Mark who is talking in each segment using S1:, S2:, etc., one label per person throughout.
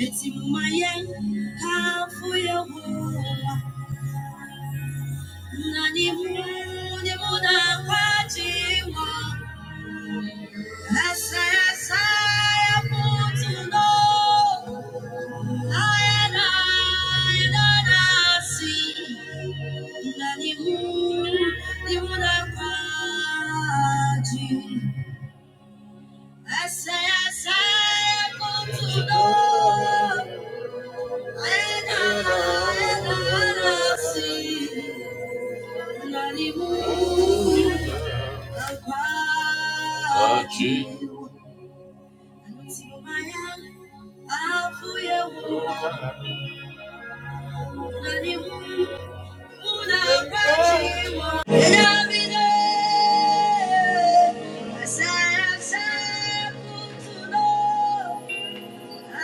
S1: Etimumaya, Hafuyahuwa, Nanimuni Muna Kwajiwa, Asaya Saya Mutuno, Ayana Yanasi, Nanimuni Muna Kwajiwa. I say, I say, I want to know. And I, and I, I see. And I need more. Akwati. Antimaya, afuye wo. Na ni wo, una akwati wo. Eyabide. I need more. I say, I say, I want to know. Yeah.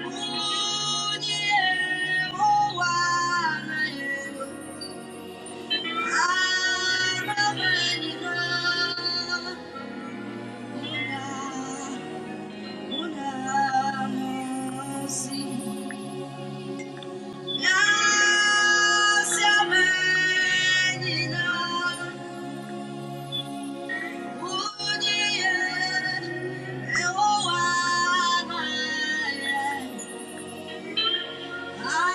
S1: Yeah. Thank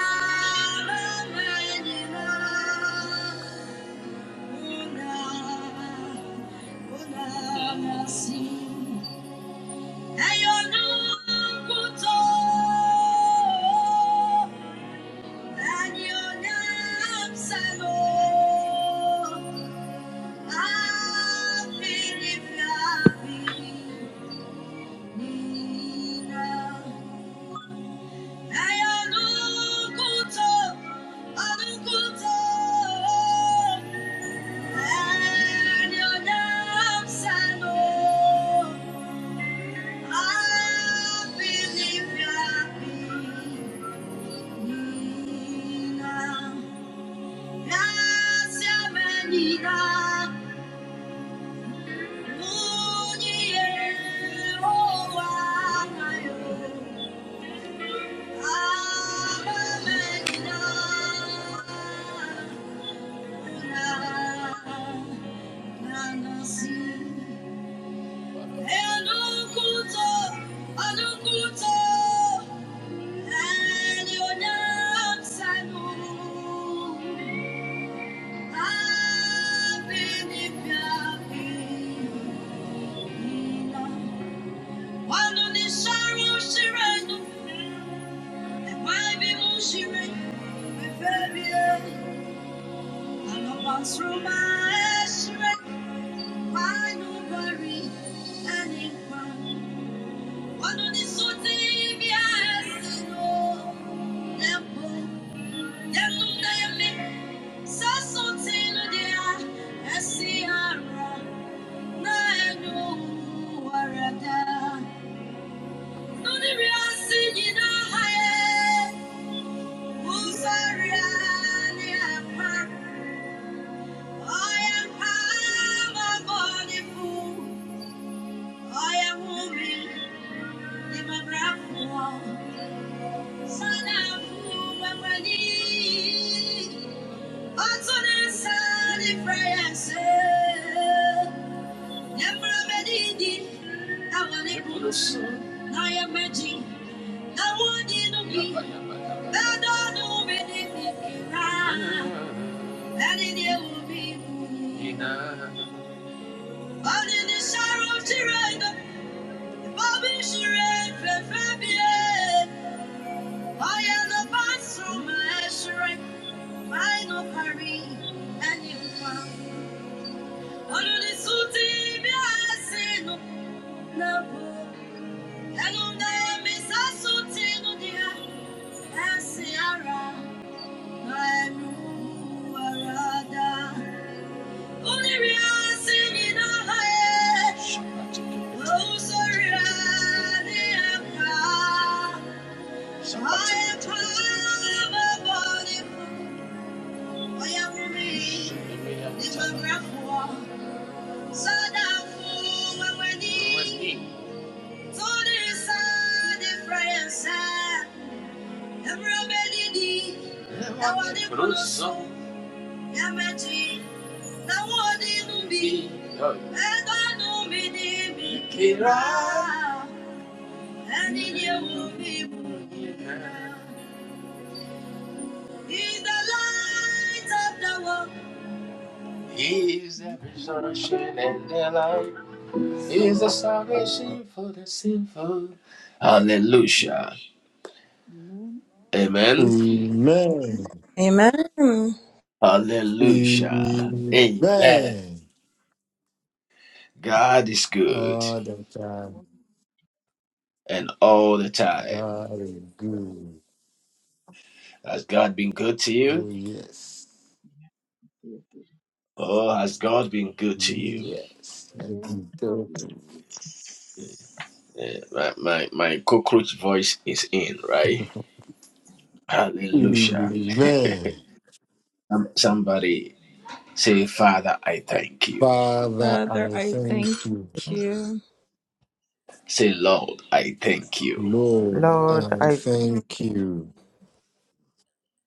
S2: Amen. And God bless
S1: you. I believe you are Shire, Befebie, Anopansruma, Shire, I am woman. Only the sorrow to render, the bobby should render, I am the bathroom measuring final hurry anyone. Under the suit, I say no, no, and on the miss I suit no dear, and Sierra, I know Arada. Only we are singing a high, oh, sorry, I am proud. I am proud of body. And in your womb, He's the light of the world. He is the resurrection and the life. is a salvation for the sinful. Hallelujah. Amen.
S3: Amen.
S4: Amen.
S1: Hallelujah. Amen.
S3: Amen.
S1: God is good
S3: All the time.
S1: and all the time.
S3: God is good.
S1: Has God been good to you?
S3: Oh, yes.
S2: you.
S1: Oh, has God been good to you?
S3: Yes. Yes,
S2: Yes,
S3: you do.
S2: yes,
S1: Eh, my, my, my cockroach voice is in, right? Hallelujah.
S3: Amen.
S1: Um, Somebody say, Father, I thank you.
S3: Father,
S4: Father,
S3: I
S4: I
S2: Father.
S3: thank
S4: thank
S3: you.
S4: you.
S1: Say, Lord, I thank you.
S3: Lord, I
S5: Lord, I thank
S3: thank you.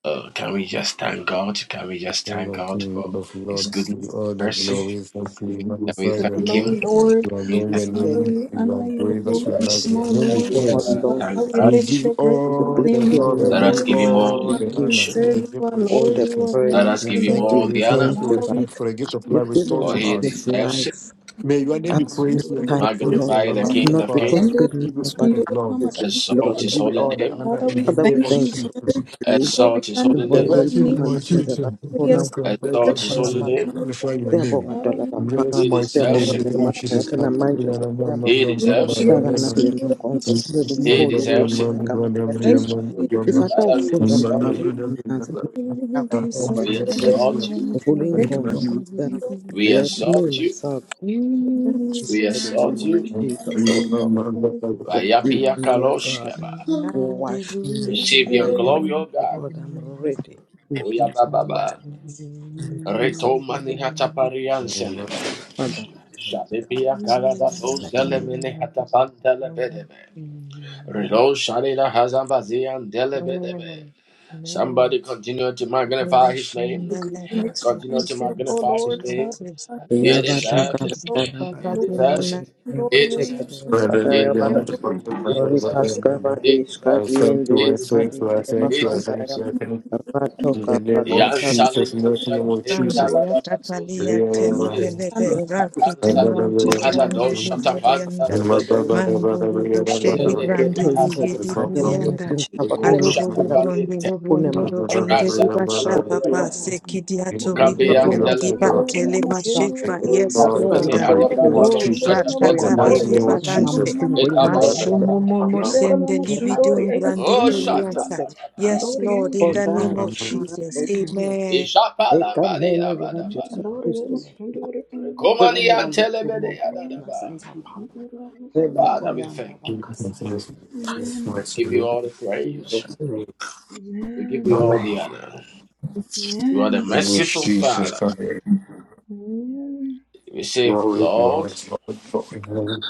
S1: Uh, can we just thank God? Can we just
S3: King
S1: thank
S3: of
S1: God
S3: King,
S1: for
S3: Lord of Lord,
S1: His goodness
S3: receive all
S1: and
S3: the
S1: mercy?
S3: glory, thanks be
S1: Can we
S4: for
S3: magnify
S4: The
S3: your
S5: you
S1: thank
S5: that
S3: name.
S4: glory,
S1: Him?
S5: we
S1: Can
S5: thank
S4: Lord.
S3: We
S1: we
S3: adore
S1: thank
S3: your
S5: this
S4: Father,
S5: day.
S3: name,
S4: we
S5: We
S3: you are
S4: honor your
S3: great, that's
S5: thank
S4: holy
S5: you
S3: your
S5: for
S3: life,
S1: yes,
S5: this
S4: name,
S3: you
S1: yes,
S3: are
S4: O
S5: day,
S3: not be
S1: wherever
S4: Lord.
S1: we are, let
S5: one
S3: praised.
S1: us
S5: Lord.
S4: Father,
S1: thank
S4: we
S1: God.
S3: We
S4: lift
S3: give you
S4: your
S5: We
S4: gracious
S3: all
S5: bless
S3: the
S4: name, up,
S5: your
S3: glory,
S4: O
S3: we
S1: Let
S5: name,
S3: give
S5: O
S1: us
S3: you
S1: give
S4: Lord.
S1: Him
S5: Jesus.
S1: all the
S3: all
S5: We
S3: the
S4: Father,
S5: give
S4: we
S3: honor,
S1: adoration.
S4: say
S5: you
S3: the
S4: you
S3: name
S4: are
S3: of
S5: all
S4: Lord,
S5: the
S4: you are
S3: Jesus.
S1: Let
S4: Lord,
S5: praise.
S1: us
S4: O
S3: We
S1: give Him
S3: thank
S5: We
S3: you,
S4: Lord.
S1: all
S3: we
S1: the
S3: thank
S1: honor,
S3: you,
S5: thank you
S3: we
S4: Father,
S5: that
S4: we
S3: thank you for the
S4: thank
S3: gift
S4: you,
S3: of
S4: we
S3: life
S5: you've
S4: thank
S3: restored
S5: given
S1: for
S3: to
S4: you.
S1: He
S5: us
S3: us.
S5: this
S1: deserves it.
S5: life
S3: May your name
S5: up
S3: be
S4: Mama
S5: to
S2: Thank
S5: this
S3: praised, may
S4: Sundura,
S3: your name be
S5: time,
S4: Mama
S3: praised,
S5: Lord.
S1: Magnify the
S5: It's
S1: King
S3: everlasting
S5: not
S1: of Kings.
S3: Father.
S5: because we
S3: We
S4: Sundura,
S5: know,
S3: give you all
S5: but
S3: the
S5: it
S4: Sundura,
S3: glory,
S4: Mama
S5: is with
S1: Exalt
S4: Sundura.
S5: glory,
S3: we
S1: His
S5: O
S3: give you
S1: holy
S5: Lord.
S3: all the
S1: name.
S3: honor
S4: Father, we
S3: in the
S5: Father, we
S3: name of
S4: thank
S5: thank
S4: you,
S5: you for this
S3: Jesus.
S4: Father.
S5: day.
S4: Father, we
S1: Exalt His
S4: honor
S1: holy
S4: your
S3: That
S1: name.
S5: Simbonile
S3: last
S4: holy
S3: season
S5: phuma
S3: my
S4: name.
S5: lapha
S3: you
S5: endlela
S3: too.
S5: shona
S3: Thank you,
S5: nkulunkulu
S3: thank
S1: Exalt
S3: you,
S1: His
S3: thank
S1: holy
S3: you.
S5: wethu
S1: name.
S3: Glorify your
S5: Siyabonga
S3: name.
S5: Dwala
S3: In Jesus'
S1: He
S5: laphakathi,
S3: mighty
S5: siyabonga
S3: name,
S1: deserves
S3: in the
S1: it.
S5: mngani
S3: name of Jesus.
S5: wonke
S3: I thank you,
S5: namanje
S3: Lord. Amen,
S5: Nkosi yami.
S1: He
S3: amen, amen,
S1: deserves
S3: amen, amen,
S1: it.
S5: Sihlangana
S3: amen.
S5: kulena nkonzo
S3: In
S5: sibeke
S3: Jesus'
S1: He
S3: name,
S5: umholi
S3: amen,
S5: wethu
S1: deserves it.
S3: amen, amen, amen, amen,
S5: ngegama
S3: amen.
S5: likaJesu.
S3: Amen,
S1: Father, we
S5: Isatawufunza
S1: exalt
S5: mzabaleka
S1: you.
S3: amen,
S5: emanzi
S3: amen, amen, amen.
S6: Amen.
S5: yakho
S3: I
S5: Jehova
S3: thank
S1: We
S3: you, Lord.
S6: Amen.
S5: ngigcwele.
S3: Thank you,
S1: exalt
S3: Lord.
S1: you.
S5: Vula
S3: Thank you,
S5: ingcondo
S3: Lord. You are
S5: Nkosi yami.
S1: We
S5: Let me
S3: the
S1: exalt you.
S5: myself
S3: Lord.
S5: in the
S1: We
S5: mighty
S3: Jesus.
S5: name
S1: exalt
S5: of
S1: you.
S5: Jesus, oh
S3: Amen,
S5: Lord.
S3: amen,
S5: Forgive
S1: Bayapia
S5: me, oh God.
S1: Kaloshkaba.
S5: Wash me
S1: Receive your
S5: inside and
S1: glory, O
S5: out, oh
S1: God.
S5: God. I'm ready to hear your word.
S1: Oyabababa.
S5: In
S1: Reto
S5: Jesus'
S1: mani
S5: name,
S1: hataparian
S3: amen,
S1: selem.
S3: amen.
S5: Father, I thank
S1: Shalipia
S5: you.
S1: kaladatos delemene hatapan delebedebe. Reto shalila hazabazian delebedebe. Somebody continue to magnify his
S6: Revelation
S1: name.
S6: that led us
S1: Continue to magnify his name.
S6: to this
S1: He
S6: Thank
S5: uyabhodla
S6: you,
S1: deserves it.
S6: Jesus.
S1: He
S6: Baba, we know
S1: deserves it. He
S5: nanamuhla
S1: deserves it.
S3: I thank you, I
S1: He
S3: thank you, I
S1: deserves it.
S3: thank you, I
S1: He deserves it. He deserves it. He deserves it.
S3: thank
S1: He
S3: you,
S1: deserves it.
S3: I thank you. In the name of
S1: Yan
S3: Jesus, in
S1: salino
S3: the name
S1: sale
S3: of
S6: Randa
S3: Jesus.
S1: pentala da bado
S6: yakatalia
S1: zele bedebe.
S6: telebelebe raki
S1: Akan sale
S6: tumrante
S1: mene
S6: diande
S1: adado shatapanta
S6: lividianda.
S1: le bedebe.
S6: Mando luboshe
S1: Razele
S6: librande
S1: bela hasansa.
S6: lividianda.
S1: Eko
S6: Arubo lubronde
S1: shatapalente.
S6: lubrondo lubronde
S1: Razanta le
S6: libasha papa
S1: bedebe.
S6: sekidiato
S4: Tendora
S1: Okabian
S6: ribubola
S4: mama
S1: dele
S4: sundora
S6: dibante
S1: bedebe.
S6: le
S4: mama kendora
S3: Thank
S6: mashifa.
S3: you,
S4: ema
S6: Yes,
S1: Rundale
S3: Lord, that's
S6: Lord.
S1: mene
S3: not my
S4: andora
S3: name
S4: mama
S3: of
S1: adabada do
S6: Oh,
S4: kendora
S3: Jesus.
S4: mama
S3: The
S6: Rakata
S1: shatapenta le
S4: kondora
S3: mighty
S6: hedu
S3: name
S4: ema
S3: of
S1: bedebe.
S4: sundora
S3: Jesus.
S6: valante.
S4: mama
S5: ingonyama
S4: kandori
S1: Ekabaya
S4: ema
S5: yomndeni
S1: dadaba.
S6: Mashumomomo
S5: yajuda
S4: kendora
S6: sende
S4: mama sundori
S6: lividum
S4: ema
S1: Oh
S4: sundori ema
S6: brandikuliansa.
S1: shatala badaba.
S6: Yes,
S4: andora ema
S6: Lord, in the
S4: kendora
S5: Olá,
S6: name of
S5: esse
S4: sundori
S6: Jesus.
S4: ema
S5: maravilhoso.
S6: Amen.
S5: É
S1: Ishapalambali la
S5: carne de
S1: badaba.
S5: Jesus
S4: andori ema
S5: Cristo.
S4: sundori ema
S1: Rekomani
S5: Segundo a
S4: Jesus
S5: luz que o
S1: antelebede
S4: thank
S5: mundo
S4: you, Lord.
S5: na
S1: yadadaba.
S5: sensação pama.
S4: Sundora ema
S1: Father,
S4: sundora
S5: Rebataya
S1: we
S5: and
S4: ema
S1: thank you.
S5: Bakasaya.
S4: Amen
S1: We give you all the praise.
S5: Jesus name.
S1: We give
S4: Amen
S1: you all the
S5: Amen.
S1: honor. You are
S4: Amen
S1: the
S3: Which
S1: merciful
S3: Jesus
S1: Father.
S3: can hear.
S4: Amen
S1: We say,
S3: Glory,
S1: Lord,
S3: glory, glory, glory.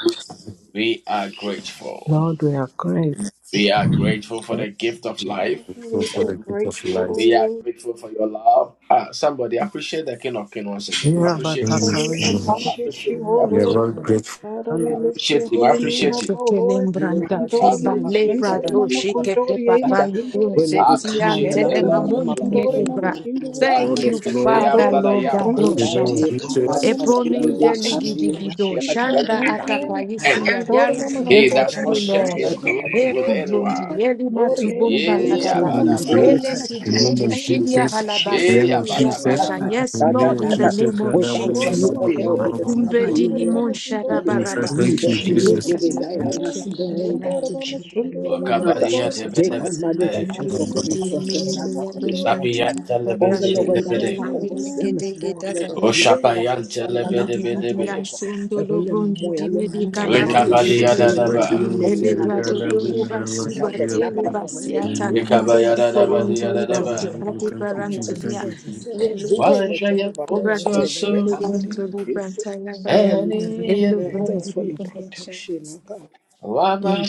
S1: we are grateful.
S5: Lord, we are grateful.
S1: We are grateful for
S5: Thank you,
S1: the gift of life.
S5: Jesus.
S3: Grateful
S4: we
S3: for
S4: are
S3: the gift of
S4: grateful O
S3: life.
S1: We are
S4: Lord
S1: grateful for your love. Ah, somebody appreciate the King of Kings once again. Appreciate him.
S4: Father, we
S5: Rebatakare.
S4: appreciate
S1: Appreciate
S4: you,
S1: him.
S4: O
S3: We are
S1: Appreciate
S4: Lord.
S3: all
S1: him.
S5: Rebatakare.
S3: grateful.
S4: Father, we lift
S1: Appreciate
S4: your
S1: him.
S4: holy name
S1: Appreciate
S4: up,
S1: him.
S4: O Lord.
S6: Lembranda
S4: Kandori
S6: fiba
S4: mama
S1: Appreciate
S6: lepra
S4: sunduri
S1: the
S5: Rebatakare.
S4: mama
S1: King
S6: doshi
S1: of
S6: kete
S4: kundori
S1: Kings.
S4: ema
S6: papai
S4: sunduri
S5: Wena
S4: ema.
S6: useti
S5: ukukhanya
S1: Appreciate
S6: ante
S5: la
S1: the
S6: de
S4: Kendera
S1: Lord
S4: mama
S1: of
S6: mamundi
S5: kumnyama khona
S4: sunduri
S1: Lords.
S4: mama
S6: yekebra.
S5: yonkulunkulu
S4: chinduri
S3: Lord
S6: Thank
S4: ema.
S5: ngegama
S3: of
S6: you,
S1: Appreciate
S3: Lord,
S1: the I am
S6: Father,
S4: Andora
S1: that I
S6: Lord,
S4: mama
S1: am.
S3: in
S4: kunduri
S3: the name
S4: ema
S6: Badoshata.
S3: of
S5: Ribati
S4: sunduri
S3: Jesus,
S5: kapapa
S1: first
S4: mama
S1: and the
S5: skidi
S6: Epromin
S4: chinduri ema.
S1: last,
S5: deskandi yunda
S6: deligidido,
S1: the
S5: a
S4: Jesus,
S6: Shanda
S1: beginning
S4: mighty
S1: and
S4: name.
S1: the end.
S6: Akapaisia, there
S4: Andora
S6: is
S4: mama
S6: no
S1: He
S6: life,
S4: kendera
S1: does
S6: no
S1: not
S4: mama
S1: share
S6: Lord.
S1: his
S4: sunduri
S5: Skadi
S1: glory
S4: mama
S1: with
S5: yunda.
S4: kundori ema.
S6: Epublundi,
S1: anyone.
S6: Elima
S4: Dori
S6: to
S4: ema
S6: Bumba
S4: sunduri
S1: Yeah,
S3: in
S6: Ladaba,
S3: the
S5: Desendi
S4: mama
S3: name of
S1: badaba.
S4: kundori
S5: indebe
S6: Ele
S4: mama
S5: kata.
S3: grace, in the name
S4: chinduri
S6: Kubrutu,
S3: of
S4: ema.
S6: Shidia
S3: Jesus,
S6: Halaba,
S3: in the name
S4: Jesus,
S1: Yeah,
S3: of
S6: Zepu
S4: mighty
S3: Jesus,
S4: name.
S6: Yasata.
S1: badaba.
S5: Akata
S6: Yes,
S5: da
S3: in the
S5: da
S3: name
S6: Lord,
S3: of
S5: da
S6: in
S5: da.
S6: the
S3: Jesus,
S6: name of
S3: and I
S5: Without
S4: Handor
S6: Jesus.
S5: you, O
S4: mama,
S5: Lord,
S4: kinder
S5: it is
S4: mama,
S5: not
S6: Makumbe
S5: by
S3: will-
S5: you,
S4: Sundur
S6: dili
S4: mama,
S5: Lord.
S6: monsha
S4: Kindor mama,
S3: Jesus,
S6: rabaraba.
S3: thank
S5: Ibe
S3: you,
S5: ti
S3: Jesus.
S4: Jesus
S6: Lucas
S5: indebe
S4: mighty
S6: in
S3: Thank
S5: dayana
S4: name.
S5: sido
S6: the
S4: Kendor
S5: enda
S4: mama, Sundur mama,
S6: name of
S5: Father,
S4: Kundor
S6: Jesus
S4: mama,
S6: Christ.
S5: ngegamani
S6: In the
S1: Okabariyatebedebede.
S6: name
S4: Kendor
S5: Jesu
S3: you.
S6: of
S4: mama,
S6: the
S5: Kristu
S4: Sundur mama,
S6: name of the Lord,
S5: waseNazareth,
S6: don't
S4: Kundor
S6: grant him
S4: mama.
S6: another
S5: konke
S6: grant, they
S1: Isapiyantelebedebede.
S4: Jesus
S5: lokwenzakala
S4: mighty
S6: really
S5: kokusiyama
S4: name.
S5: sibonga
S6: yes.
S5: lokuvikela kwesihlalwa namhla
S1: Oshapayantelebedebedebe.
S5: Jehova
S6: Ndidididiyashondolo brondi
S5: bekunemoya lomadima
S3: name of
S5: kuNkulunkulu
S3: Jesus,
S6: dimirikarabrondolo.
S5: wethu
S1: Likabadiyadadaba.
S3: right in the name of
S5: kulunele
S3: Jesus,
S5: ngabe
S6: Elevado
S3: God, I
S5: kwendekile
S6: dolo
S3: bring it
S6: basi
S3: around
S5: mhlawumbe
S3: here.
S4: Jesus
S6: batele
S4: mighty
S5: kulabanye
S6: basi
S4: name.
S5: kwendekile kepha
S6: atakinde
S5: nkosiyami
S6: likorondi
S5: naku
S1: Likabayadadabadiyadadaba.
S6: etete
S5: mina
S6: ate
S3: Thank you,
S5: nkosiyami
S3: Jesus.
S6: barantulia.
S3: Thank you,
S5: umsenzisile uvikele Jehova longqwele
S1: Wajayamfonsuasu.
S5: ngegama likaJesu Oh,
S1: Eni,
S5: little Lord,
S1: eni,
S5: we thanks for
S1: eni.
S5: your protection, oh God.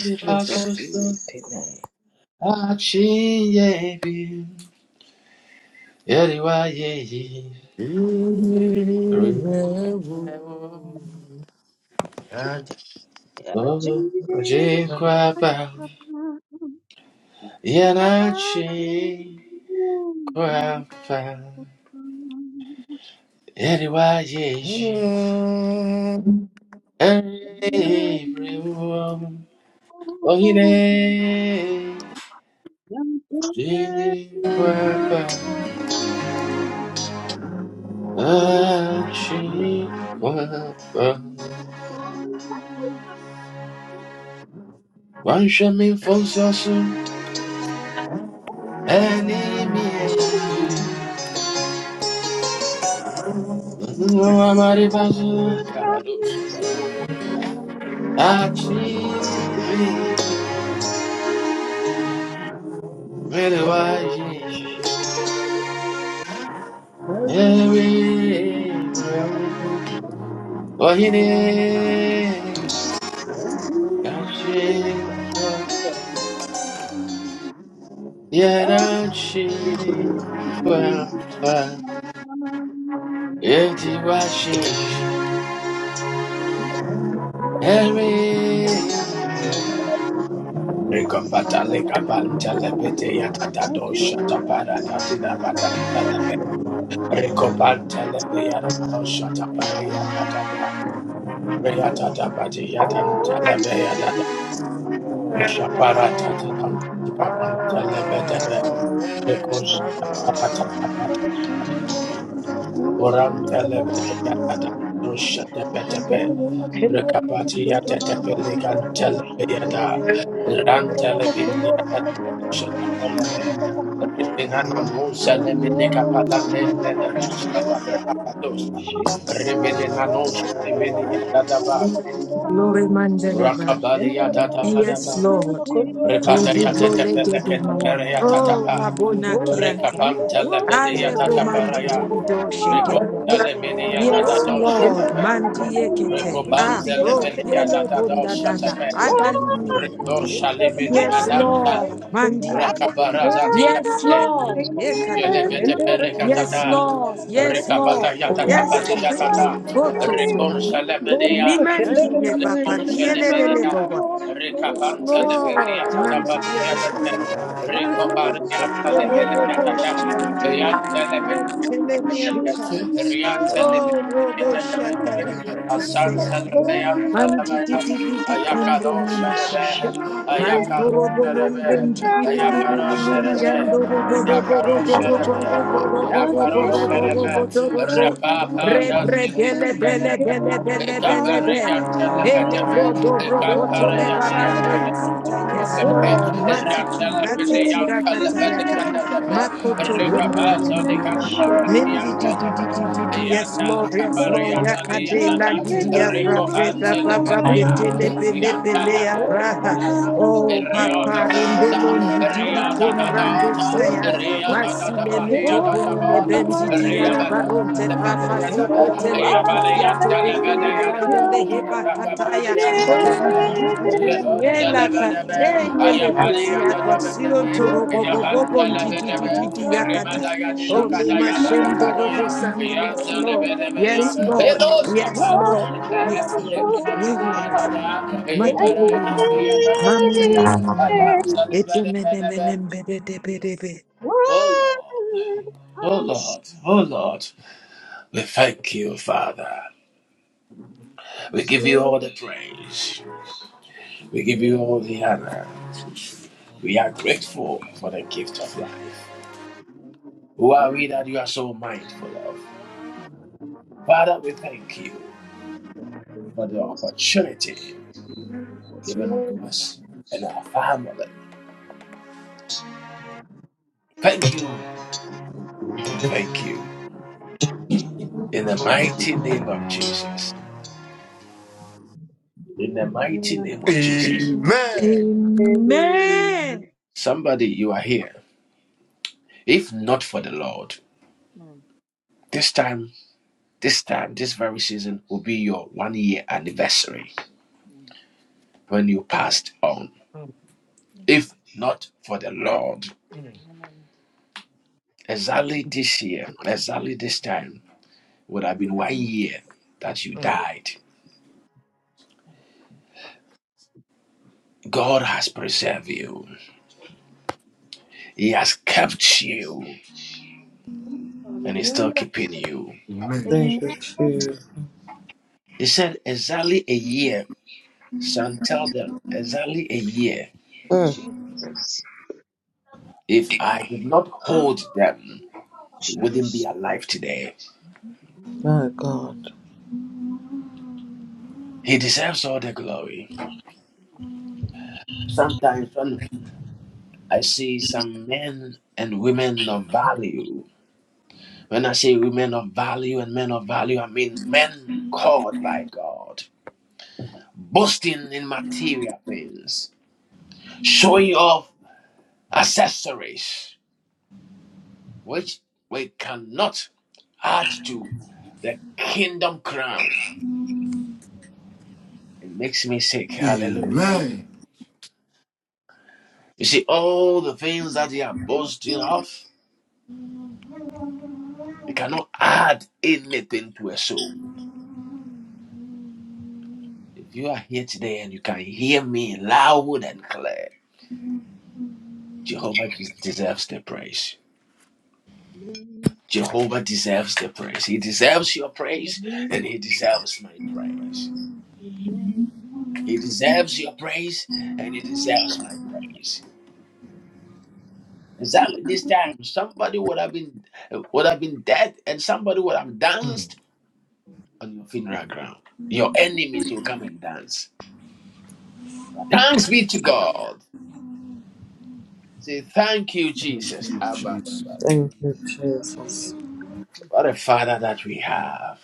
S5: Jesus' mighty name.
S1: Achiyebi, yeriwayeyi,
S3: Jesus.
S1: rirewo, oh,
S7: Thank you.
S1: jikwapa, yanachi, kwapa, yeriwayeyi, erirewo, ohine, jikwapa, achi, kwapa. Wansha mi fonsosu,
S2: you.
S1: enimi God, I do shut that back.
S2: Yes. Amen.
S1: Achi, baby, Meruai, Jesus,
S7: Thank
S1: Every breath, Ohine, Achi, Kwapa, Yerachi, Kwapa, Yeti, Washi, Every breath, Rekopata leka balanta lepete yatata
S7: you.
S1: dosha tapara tatida Recopantelebia, oh, shut up, Aria Dadaba, Rea Dadabati, Yadam Telebia dada Recopantelebeyada Shatapariyataba Reatatabatiyatan Telebeyada Ushaparatatidam Tikapantelebedebe
S7: What
S1: Recoshatapatapata
S4: Mama Sundur mama, Kundor mama,
S1: Uram
S4: Sundur mama,
S1: Telebeyada
S4: Kindor mama.
S1: Ushatepetepe
S4: Handor mama, Kendor mama,
S1: Rekapatia
S4: Sundur mama,
S1: tetepelikan
S4: Kundor mama, Sundur
S1: telebeada.
S4: mama.
S1: Ran
S4: Dora mama,
S1: telebidia
S4: Kendor mama, Kundor mama,
S1: tetepelepelebe.
S4: Sundur mama, Kundor
S1: Riminano
S4: mama.
S1: non celebene
S4: Lord, Mama,
S1: capalande
S4: Sundura,
S1: lele
S4: Mama,
S1: non scala
S4: Kindori, Emma.
S1: brecapatosa.
S4: Jesus, mighty
S1: Riminena
S4: name.
S1: non
S4: Kindara, Mama,
S1: scaliminia
S4: Sundura,
S1: dadaba.
S4: Mama, Kindori, Emma.
S6: Glory Mandeleva.
S1: Rakabadia
S4: Kindara, Mama,
S6: Yes,
S1: dadabadaba.
S4: Sunduri, Emma.
S6: Lord.
S4: Kondora, Mama,
S1: Repatia
S4: Sunduri,
S6: Kujubrole de
S4: Mama,
S6: de
S1: tetepelecate
S6: Maya.
S4: Kindori,
S1: perea
S4: Emma.
S6: Oh,
S1: tatapa.
S6: Labona
S4: Andora, Mama,
S6: Kianta.
S1: Rekapan
S4: Kindara, Mama,
S1: telepedia
S4: Sunduri,
S6: Alebo
S4: Mama,
S6: mandi di
S1: tataparaya.
S4: Kindori,
S6: di
S4: Mama,
S6: do
S1: Reco
S4: Sunduri, Emma.
S6: shegerias.
S1: teleminia
S4: Dora,
S6: Yes,
S1: dadados
S4: Mama,
S6: Lord,
S4: Kindara,
S1: shatape.
S7: the
S4: Mama,
S6: mandi
S4: Kondori,
S7: child
S4: Mama,
S6: ekete. Ah,
S4: Sunduri,
S1: Recobanzele
S4: Emma.
S6: ro
S1: media
S4: Kindara,
S6: yellow
S4: Mama,
S1: dadados
S6: bonda
S4: Kondori,
S6: dada.
S1: shatape.
S4: Emma.
S6: Adalini.
S1: Rico
S4: Kindara,
S1: Shalemini
S4: Mama,
S6: Yes,
S4: Sunduri,
S1: Adampa,
S6: Lord,
S4: Emma.
S6: mandi.
S4: Kindara, Mama,
S6: eke-
S1: Rakabaraza
S4: Kondori, Emma.
S6: Yes,
S1: Diabete,
S4: Sunduri,
S6: Lord,
S4: Emma.
S6: ekadubra.
S1: Jelebete
S4: Kendere mama
S6: Yes,
S1: Perecatada,
S4: sunduri
S6: Lord,
S4: mama
S6: yes,
S4: kondori mama
S6: Lord,
S1: Ricabata
S4: sunduri
S6: yes,
S4: mama
S1: Yatatapati
S6: Jesus.
S4: kondori
S1: Yatata,
S4: mama
S6: Go to
S1: Recon
S6: Torada.
S4: dori
S1: Shalemania,
S4: mama kendere
S6: Limendi ye
S4: mama
S6: papa
S1: Recon
S4: sunduri mama
S6: bielelele
S1: Shalemania,
S4: kondori
S6: bawa.
S4: mama sundori
S6: Yes,
S4: mama
S1: Ricapanta
S4: kendere
S6: Lord,
S4: mama sunduri
S1: Leberiatatapati
S6: mandi
S4: mama
S1: Yatate,
S7: Thank
S4: kendere mama
S1: Ricoparia
S4: sunduri mama
S6: Robo
S1: Lebeliatata,
S4: kondori
S6: shidi
S4: mama
S6: di di di
S4: sunduri
S6: di
S1: Riante
S4: mama Jesus
S6: antelenianta.
S4: Lord am
S1: Lebeliatata,
S6: Oh, robo
S4: kondori
S6: shaka
S4: mama
S6: libra
S4: sunduri
S1: Asan
S4: mama
S6: tasea.
S4: kondori
S1: Salabayan
S4: mama
S6: Mandi
S4: sunduri
S6: di
S1: Salabaya
S4: mama
S6: di di di
S4: kendori
S6: combro
S1: Ayakado
S4: mama
S6: namasha.
S1: Salabe
S4: Jesus Lord
S1: Ayakaro
S4: am
S6: Mantorobo
S1: Salabe
S6: nombrendi bili bili
S1: Ayakaro
S6: bili bili
S4: kendere
S1: Salabe
S4: mama
S6: andorobo
S4: sunduri
S6: robo
S4: mama
S1: Yakaro
S6: robo
S7: you.
S4: kondori
S6: robo
S1: Sharabe,
S4: mama
S6: robo robo
S4: sunduri
S7: That is
S4: mama
S6: robo
S1: Yakaro
S6: robo
S4: kondori
S1: Sharabe,
S4: mama
S6: robo
S7: the
S6: robo
S1: Rapapa,
S4: Kendara mama
S6: rebre
S1: Zazili
S4: sundara
S6: dele
S4: mama
S7: time.
S6: bele
S1: Mandebe,
S6: bele
S4: kendara mama
S6: bele bele
S4: sundara
S7: That is
S6: de
S4: mama
S1: Caparayan
S4: kendori.
S6: ele
S1: Telebedebe,
S6: bro
S7: the
S6: dobro
S4: Dora
S6: koto
S7: time.
S4: mama
S6: le
S1: Camparayan
S4: kendara
S6: barandi
S4: mama
S1: Yatari.
S6: asata
S4: kendori mama
S6: yes
S7: Oh,
S6: lord
S4: sundari
S7: my
S4: mama.
S6: matiti
S4: Kendara
S6: latiti
S4: mama
S6: rakata
S4: sundari
S6: yaka
S4: mama kendori mama
S6: makoto
S4: sundari.
S6: bondi ala mama
S7: name.
S4: Jesus
S6: Mendi di
S4: mighty
S6: di di di di
S4: name.
S6: di yes lord yes
S4: Kendara
S6: lord
S4: mama
S6: yakade
S4: sundari
S6: la
S4: mama
S6: gidi ya
S4: kendori
S6: pra
S4: mama
S6: pe la
S4: sundari
S6: pa
S4: mama
S6: pa pe
S4: kendori
S6: tele
S4: mama.
S6: pele pele ya pra.
S4: mama kendara mama
S6: Oh,
S4: kendori
S6: Papa,
S4: mama sundari
S6: Rundolon,
S4: mama
S6: Didili,
S4: kendori mama.
S6: Combrando,
S4: Dora
S6: Saya,
S4: mama sundari mama
S6: Massile,
S4: kendara mama
S6: Metoponi,
S4: kendori
S6: Nebendi,
S4: mama
S6: Diala,
S4: sundari mama.
S6: Baronte,
S7: Oh,
S1: Ria
S6: Prafasio,
S4: Kendere
S7: Slow, slow,
S4: mama
S6: Cotele,
S4: kandore
S1: Yapadi
S4: mama
S1: and
S6: Kikiato,
S4: sundure
S1: Telebeda
S4: mama
S6: Equilibrando,
S1: Yadaba,
S4: kendore
S6: Leheba,
S4: mama
S6: Kataya,
S1: Rakapadi and
S4: kandore mama
S1: Telebea,
S6: Bendi,
S4: sundure mama
S1: Revon
S4: kandore
S6: Bubuela,
S4: mama
S1: Telebedebe,
S4: sundure
S6: Kateye,
S4: mama
S1: Ayapadi
S4: kundure
S6: Lebusia,
S4: mama
S6: Quasion,
S1: Yadabedebe,
S4: dore
S6: Torobo,
S4: mama
S1: Yapan
S4: sundure
S6: Bobon,
S4: mama
S6: Didi,
S1: Telebedebe,
S6: Didi,
S4: kendore mama
S6: Yakata.
S1: Rimada Yadida
S6: Only
S4: Jesus
S1: Kataya
S4: mighty
S6: Mashendo,
S4: name
S6: Robo,
S1: Dakatoya,
S6: Sandi,
S1: Yan
S6: yes, Lord.
S4: kandore mama
S1: Telebedebea,
S6: Yes,
S4: kendere
S6: Lord.
S4: mama
S1: Elos
S4: sundure
S6: Yes,
S1: Kapan
S4: mama
S6: Lord.
S4: kendore
S6: Yes,
S4: mama
S1: Telepe,
S6: Lord.
S4: sundure
S6: Yes, yes,
S4: mama
S1: Renamazia
S6: yes.
S1: Dada,
S4: dore mama
S6: Amen.
S4: kendore
S1: Ibaraya Dada Petea,
S6: Amen.
S1: Ayam Telebedebe. Oh Lord, oh Lord, oh Lord, we thank you, Father. We give you all the praise. We give you all the honor. We are grateful for the gift of life. Who are we that you are so mindful of?
S2: Mhm.
S1: Father, we thank you
S7: slow, slow,
S1: for the
S7: slow, slow,
S1: opportunity given
S7: slow,
S1: unto us and our family. Thank you and thank you in the
S7: Amen.
S1: mighty name of Jesus. In the mighty name of Jesus.
S3: Amen.
S2: Amen.
S1: Somebody, you are here. If not for the Lord, this time, this time, this very season will be your one year anniversary when you passed on,
S3: Mm,
S1: if not for the Lord.
S3: mm, mm.
S1: Exactly this year, exactly this time, would have been one
S8: Mhm.
S1: year that you
S3: Amen.
S1: died. God has preserved you, He has kept you, and He's still
S7: Hallelujah.
S1: keeping you.
S5: Thank
S7: Amen.
S5: you, Jesus.
S1: He said, Exactly a year, son, tell them, exactly a year.
S5: Mm,
S7: Jesus.
S1: If I did not hold them, they wouldn't be
S7: Jesus.
S1: alive today.
S5: my God.
S1: He deserves all the glory. Sometimes when I see some men and women of value. When I say women of value and men of value, I mean men called by God, boasting in material things, showing off accessories, which we cannot add to the kingdom crown. It makes me sick. Hallelujah.
S3: Amen.
S1: You see, all the things that they are boasting of, you cannot add anything to a soul. If you are here today and you can hear me loud and clear, Jehovah just deserves the praise.
S7: Amen.
S1: Jehovah deserves the praise. He deserves your praise and
S7: Hallelujah.
S1: he deserves my praise.
S7: Amen.
S1: He deserves your praise and he deserves my praise. Exactly this time, somebody would have been would have been dead and somebody would have
S3: Mm.
S1: danced on your funeral ground. Your enemies will come and dance. Thanks be to God. Say thank you,
S3: Thank
S1: Jesus.
S3: you,
S1: Abba,
S3: Jesus.
S1: abba, abba.
S5: Thank you,
S7: Thank
S5: Jesus.
S7: you,
S1: What a father that we have.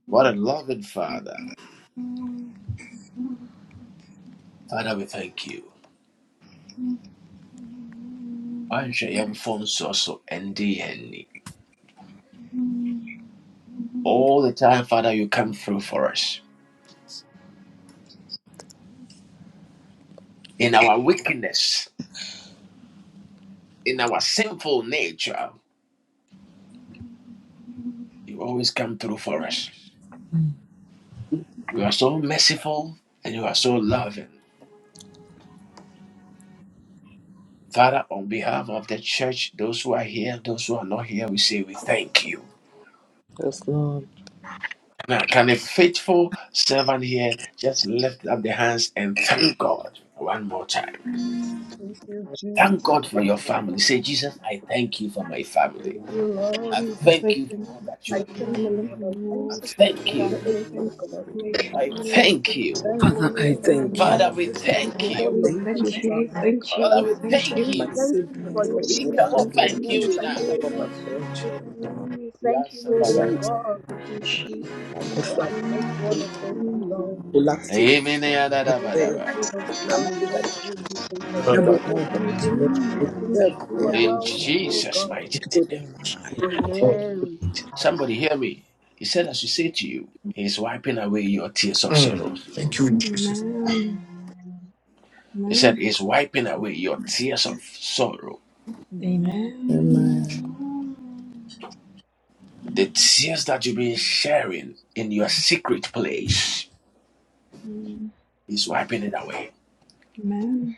S7: Jesus. Thank you,
S1: What a
S7: Lord,
S1: loving father. Father, we thank you. Answer your phone so so All the time, Father, you come through for us. In our wickedness, in our sinful nature, you always come through for us. You are so merciful and you are so loving. Father, on behalf of the church, those who are here, those who are not here, we say we thank you.
S5: Yes, Lord.
S1: Now, can a faithful servant here just lift up their hands and thank God one more time?
S7: Thank you, Jesus.
S1: Thank God for your family. Say, Jesus, I thank you for my
S7: Thank
S1: family.
S7: you, Lord.
S1: I
S4: Jesus,
S1: thank
S4: I
S1: you for
S4: thank you
S1: all that you
S4: for
S7: I
S1: are
S4: my
S7: thank
S1: doing.
S7: you
S4: family,
S7: for the
S1: I
S7: lives
S4: Lord.
S7: of your
S1: thank
S4: Father,
S1: you.
S4: I
S7: family, oh
S4: thank you
S7: God.
S4: for my
S1: I
S4: family. I
S1: thank
S4: thank
S1: you.
S4: you
S7: Thank
S5: Father,
S4: for
S7: you
S5: I
S7: for
S4: everyone
S7: your
S5: thank
S4: in my
S5: you.
S1: Father,
S4: life.
S1: we
S7: mercy. Thank
S1: thank
S7: you
S5: I
S4: Father,
S7: for
S1: you.
S4: we
S7: your
S5: thank you
S4: thank you,
S7: favor,
S4: we
S5: for
S7: oh
S4: thank
S7: God.
S4: you, we
S1: Father, we
S4: thank
S1: thank
S4: you.
S5: my
S1: you.
S7: Thank you
S4: And
S7: for
S5: siblings. I
S4: all
S7: your
S4: the
S1: We
S5: thank
S4: mamas,
S7: shield
S5: you
S1: cannot
S4: and all the
S7: and
S1: thank you
S4: mamas,
S5: Jesus,
S4: and all
S7: protection,
S4: the
S5: for
S1: enough.
S5: my
S7: Lord.
S4: mamas, and all the
S5: grandchildren.
S4: mamas, we
S7: Thank
S4: thank you,
S7: you,
S4: O
S7: oh
S5: Mm,
S4: Lord.
S1: Yasalabaya.
S7: God,
S4: In Jesus'
S5: I
S4: mighty
S7: So
S5: push
S7: I
S5: like
S7: just
S4: name.
S7: want
S5: that.
S7: to thank
S4: In
S7: you, Lord.
S5: Relaxing. I
S7: Thank
S5: say,
S7: you,
S1: Amen.
S7: King of
S5: I'm
S7: Glory.
S5: only that
S7: Thank you, Ancient of
S5: number
S7: Days.
S5: one
S4: Jesus' mighty
S5: husband.
S4: name. Thank
S5: Except
S7: You are
S5: there,
S4: you.
S1: In
S7: worthy, oh
S1: Jesus'
S7: God.
S1: mighty name.
S5: including mine.
S3: Mm.
S7: Amen.
S1: Somebody hear me. He said, I should say to you, He's wiping away your tears of sorrow.
S3: Thank you, Jesus.
S4: Amen.
S1: He said,
S4: Amen.
S1: He's wiping away your tears of sorrow.
S2: Amen. Thank you,
S4: Amen.
S2: Jesus.
S5: Amen.
S1: The tears that you've been sharing in your
S2: Mm.
S1: secret place, He's wiping it away.
S4: Amen.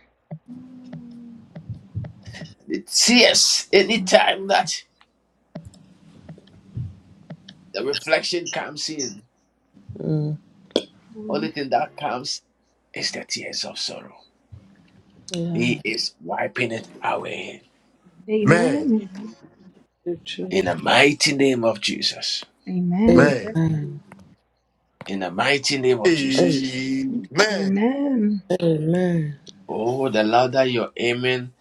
S1: The tears, anytime that The reflection comes in. Only thing that comes is the tears of sorrow. He
S5: Yeah.
S1: is wiping it away.
S2: Amen.
S3: Amen.
S4: Amen.
S7: Amen.
S5: Thank you,
S1: In
S5: Jesus.
S1: the mighty name of Jesus.
S4: Amen.
S3: Amen.
S5: Amen.
S7: Amen.
S1: In the mighty name of
S5: Ay,
S1: Jesus.
S3: Amen.
S4: Amen.
S5: Amen.
S1: Oh, the louder your amen,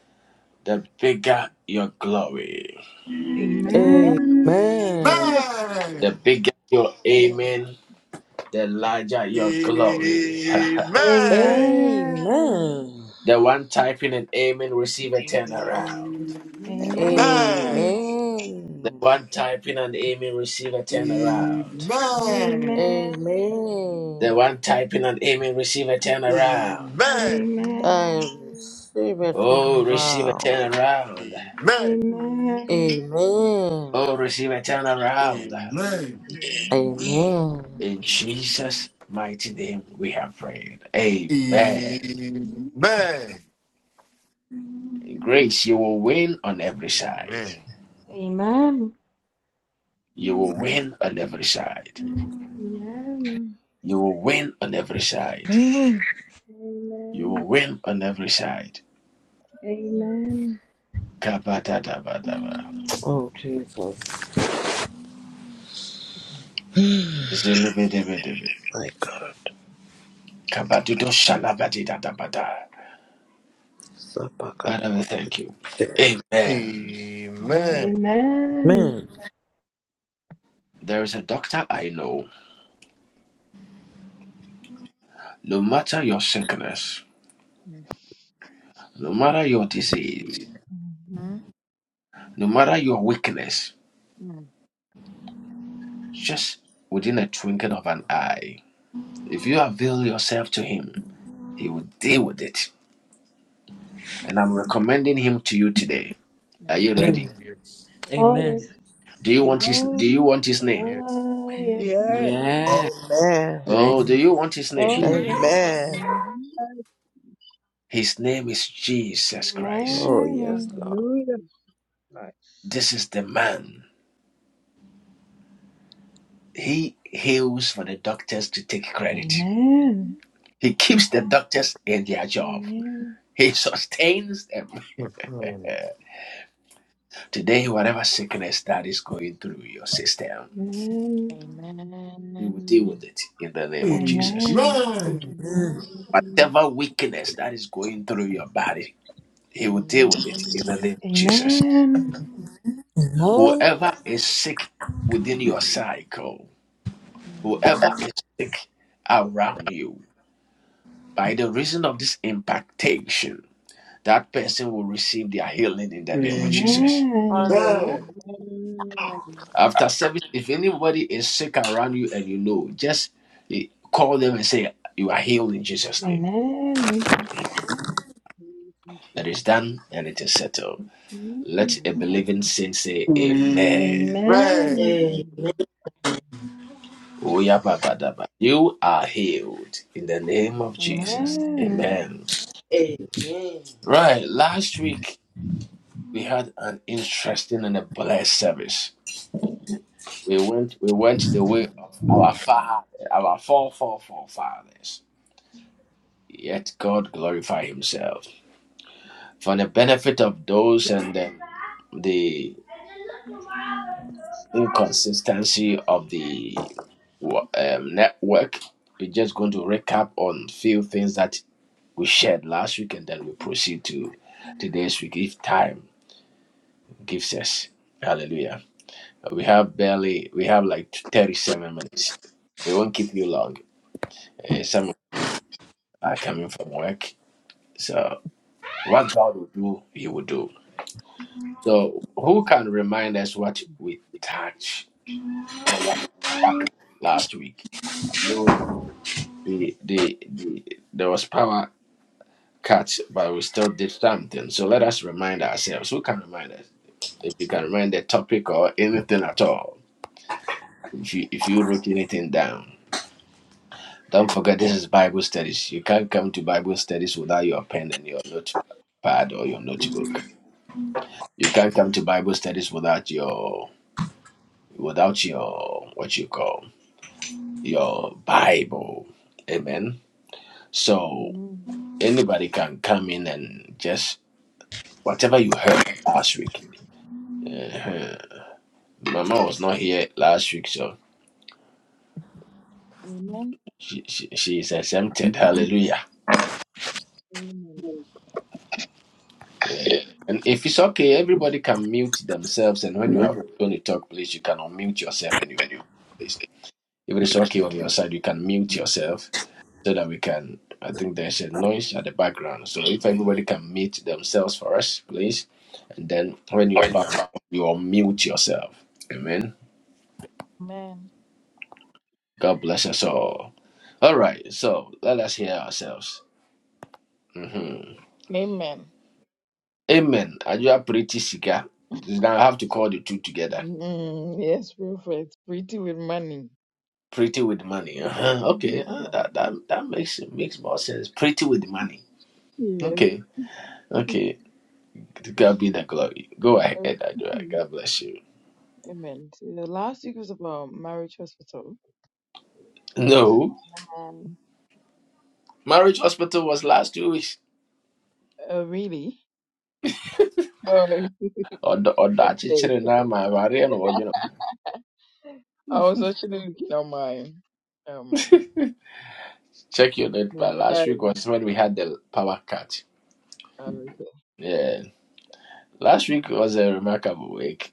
S1: the bigger your glory.
S2: Amen.
S4: Amen.
S3: Amen.
S5: Amen.
S7: Hallelujah.
S3: Amen.
S1: The bigger your amen, the larger your glory.
S4: Amen.
S5: Amen.
S1: the one typing an amen, receive a
S3: Oh,
S1: turnaround.
S3: Amen.
S4: Amen.
S1: The
S5: Amen.
S1: one typing an amen, receive a
S3: Amen. Amen.
S1: turnaround.
S2: Amen. Amen.
S3: Amen.
S4: Amen.
S1: The
S5: Amen.
S1: one typing an amen, receive a turnaround.
S4: Amen.
S5: I
S2: Amen.
S4: Amen.
S5: receive a
S1: Oh, receive a
S5: turnaround.
S1: turnaround.
S4: Amen.
S5: Amen.
S1: Oh, receive a turnaround.
S2: Amen.
S5: Amen.
S2: Amen.
S1: In Jesus' mighty name, we have prayed. Amen. Grace, you will win on every side.
S4: Amen.
S1: You will win on every side.
S4: Amen.
S1: You will win on every side. You will win on every side.
S2: Amen.
S4: Amen.
S1: Kabadadabadaba.
S5: Oh, Jesus,
S1: Zilibidibidibid.
S5: my God.
S1: Kabadudoshalabadidadabada.
S5: Sabakata.
S1: Father, we thank you.
S3: Amen.
S1: Amen.
S2: Mm-hmm. Mm-hmm.
S3: Amen. Amen. Amen.
S4: Amen.
S5: Amen.
S1: There is a doctor I know. No matter your sickness, No matter your disease, no matter your weakness, just within a twinkle of an eye, if you avail yourself to Him, He will deal with it. And I'm recommending Him to you today. Are you ready?
S3: Yes.
S4: Oh yes.
S5: Amen.
S1: Do you want His Do you
S7: Amen.
S1: want His
S3: Mm,
S1: name?
S3: Yes.
S4: Oh yes.
S7: Yeah. Hallelujah.
S5: Yeah.
S9: Amen.
S5: Name
S1: Oh, do you want His
S4: Oh
S1: name?
S3: Amen.
S4: yes.
S9: Amen.
S5: Jesus.
S2: Mm-hmm.
S1: His name is Jesus Christ.
S5: Oh, yes.
S4: Amen.
S7: Amen.
S2: Mm-hmm.
S1: This is the man. He heals for the doctors to take credit.
S3: Mm,
S4: Amen.
S2: Mhm.
S1: He keeps the doctors in their job.
S4: Amen.
S1: He sustains them.
S3: Amen. Amen.
S1: Today, whatever sickness that is going through your system,
S4: Amen.
S2: Amen.
S1: you will deal with it in the
S3: Amen.
S1: name of
S3: Amen.
S1: Jesus.
S4: Amen.
S5: Amen.
S2: Mhm.
S1: Whatever weakness that is going through your body, he will deal with
S2: Amen.
S1: it in the
S2: Mhm.
S1: name of Jesus.
S4: Amen.
S1: Whoever is sick within your cycle, whoever is sick around you, by the reason of this impactation, that person will receive their healing in the name of Jesus.
S4: Amen.
S2: Amen.
S1: After service, if anybody is sick around you and you know, just eh, call them and say, You are healed in Jesus' name.
S4: Amen.
S2: Thank you,
S1: That is done
S2: Jesus.
S1: and it is settled. Let
S4: Amen.
S1: a
S2: Amen.
S1: believing saint say, Amen.
S4: Amen.
S2: Amen.
S1: Oya baba daba. You are healed in the name of
S2: Amen.
S1: Jesus.
S4: Amen.
S1: Amen. Right. Last week, we had an interesting and a blessed service. We went, we went the way of our father, our four, four, four fathers. Yet God glorified Himself. for the benefit of those and um, the inconsistency of the wa- um, network, we're just going to recap on few things that we shared last week, and then we proceed to today's week if time gives us. Hallelujah. We have barely, we have like 37 minutes. We won't keep you long. Eh, some are coming from work, so what God will do, He will do. So, who can remind us what we touch? or what happened last week. I know the the the, the there was power cuts, but we still did something. So let us remind ourselves. Who can remind us? If you can remind the topic or anything at all, if you if you wrote anything down, don't forget
S2: Amen.
S1: this is Bible studies. You can't come to Bible studies without your pen and your notepad or your notebook. You can't come to Bible studies without your without your what you call your Bible. Amen. So
S2: Amen.
S1: anybody can come in and just whatever you heard last week. uh Mama was not here last week, so
S2: Amen.
S1: she, she, she is exempted. Hallelujah.
S2: Amen.
S1: Yeah. And if it's okay, everybody can mute themselves. And when you are going to talk, please, you can unmute yourself and you please. If it is okay on your side, you can mute yourself so that we can. I think there's a noise at the background. So if everybody can mute themselves for us, please. And then when you are back, you unmute yourself. Amen. God bless us all. All right, so let us hear ourselves. hmm
S2: Amen.
S1: Amen. Are you a pretty sicker? Now I have to call the two together.
S2: Mm, yes, perfect. Pretty with money.
S1: Pretty with money. Uh-huh.
S2: Mhm.
S1: Okay, uh, that, that that makes makes more sense. Pretty with money.
S2: yes.
S1: Okay, okay. To God be the glory. Go ahead, Adura.
S2: Mhm.
S1: God bless you.
S2: Amen. So the last week was about marriage hospital.
S1: No,
S2: Um,
S1: marriage hospital was last two weeks.
S2: oh, really? No, it's the
S1: Or Ọdọ ọdọ
S2: same page.
S1: achịchịrị na-ama agharị my variant or you
S2: I
S1: know.
S2: was actually looking at my um
S1: Check your date,
S2: my
S1: but last week
S2: diary.
S1: was when we had the power cut.
S2: Oh, okay.
S1: Yeah. Last week was a remarkable week.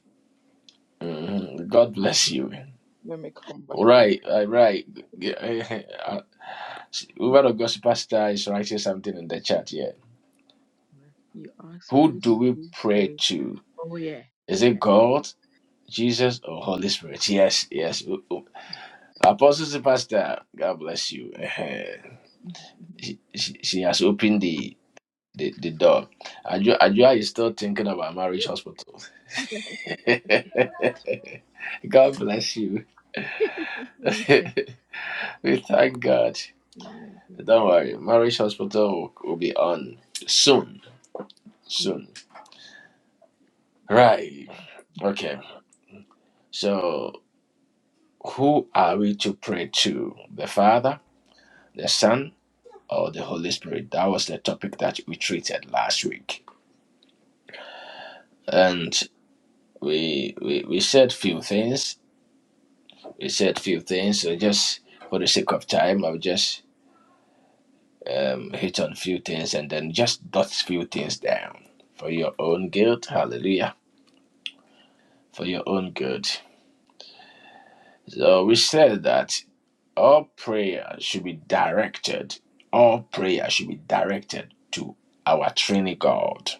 S1: Mhm. God bless you. Right,
S2: Let me come back.
S1: all right. Yeah, Uh, Woman of God Superstar is writing something in the chat here.
S2: You asked
S1: Who
S2: who
S1: do
S2: to
S1: we
S2: go
S1: pray
S2: pray.
S1: to?
S2: Oh yeah,
S1: Is it
S2: yeah.
S1: God, Jesus, or Holy Spirit? Yes, yes. O- o- Apostle Superstar, God bless you. Eh-heh. She, she, she has opened the, the, the door. Ajua, Ajua is still thinking about marriage hospital. God bless you. we thank God. Don't worry, Marriage Hospital will, be on soon.
S2: True.
S1: Soon. Right. Okay. So, who are we to pray to? The Father, the Son, or the Holy Spirit? That was the topic that we treated last week. And we we, we said few things. We said few things. So, just for the sake of time, I'll just um, hit on few things and then just dot few things down for your own good. Hallelujah. For your own good. So we said that. All prayer should be directed. All prayer should be directed to our Trinity God.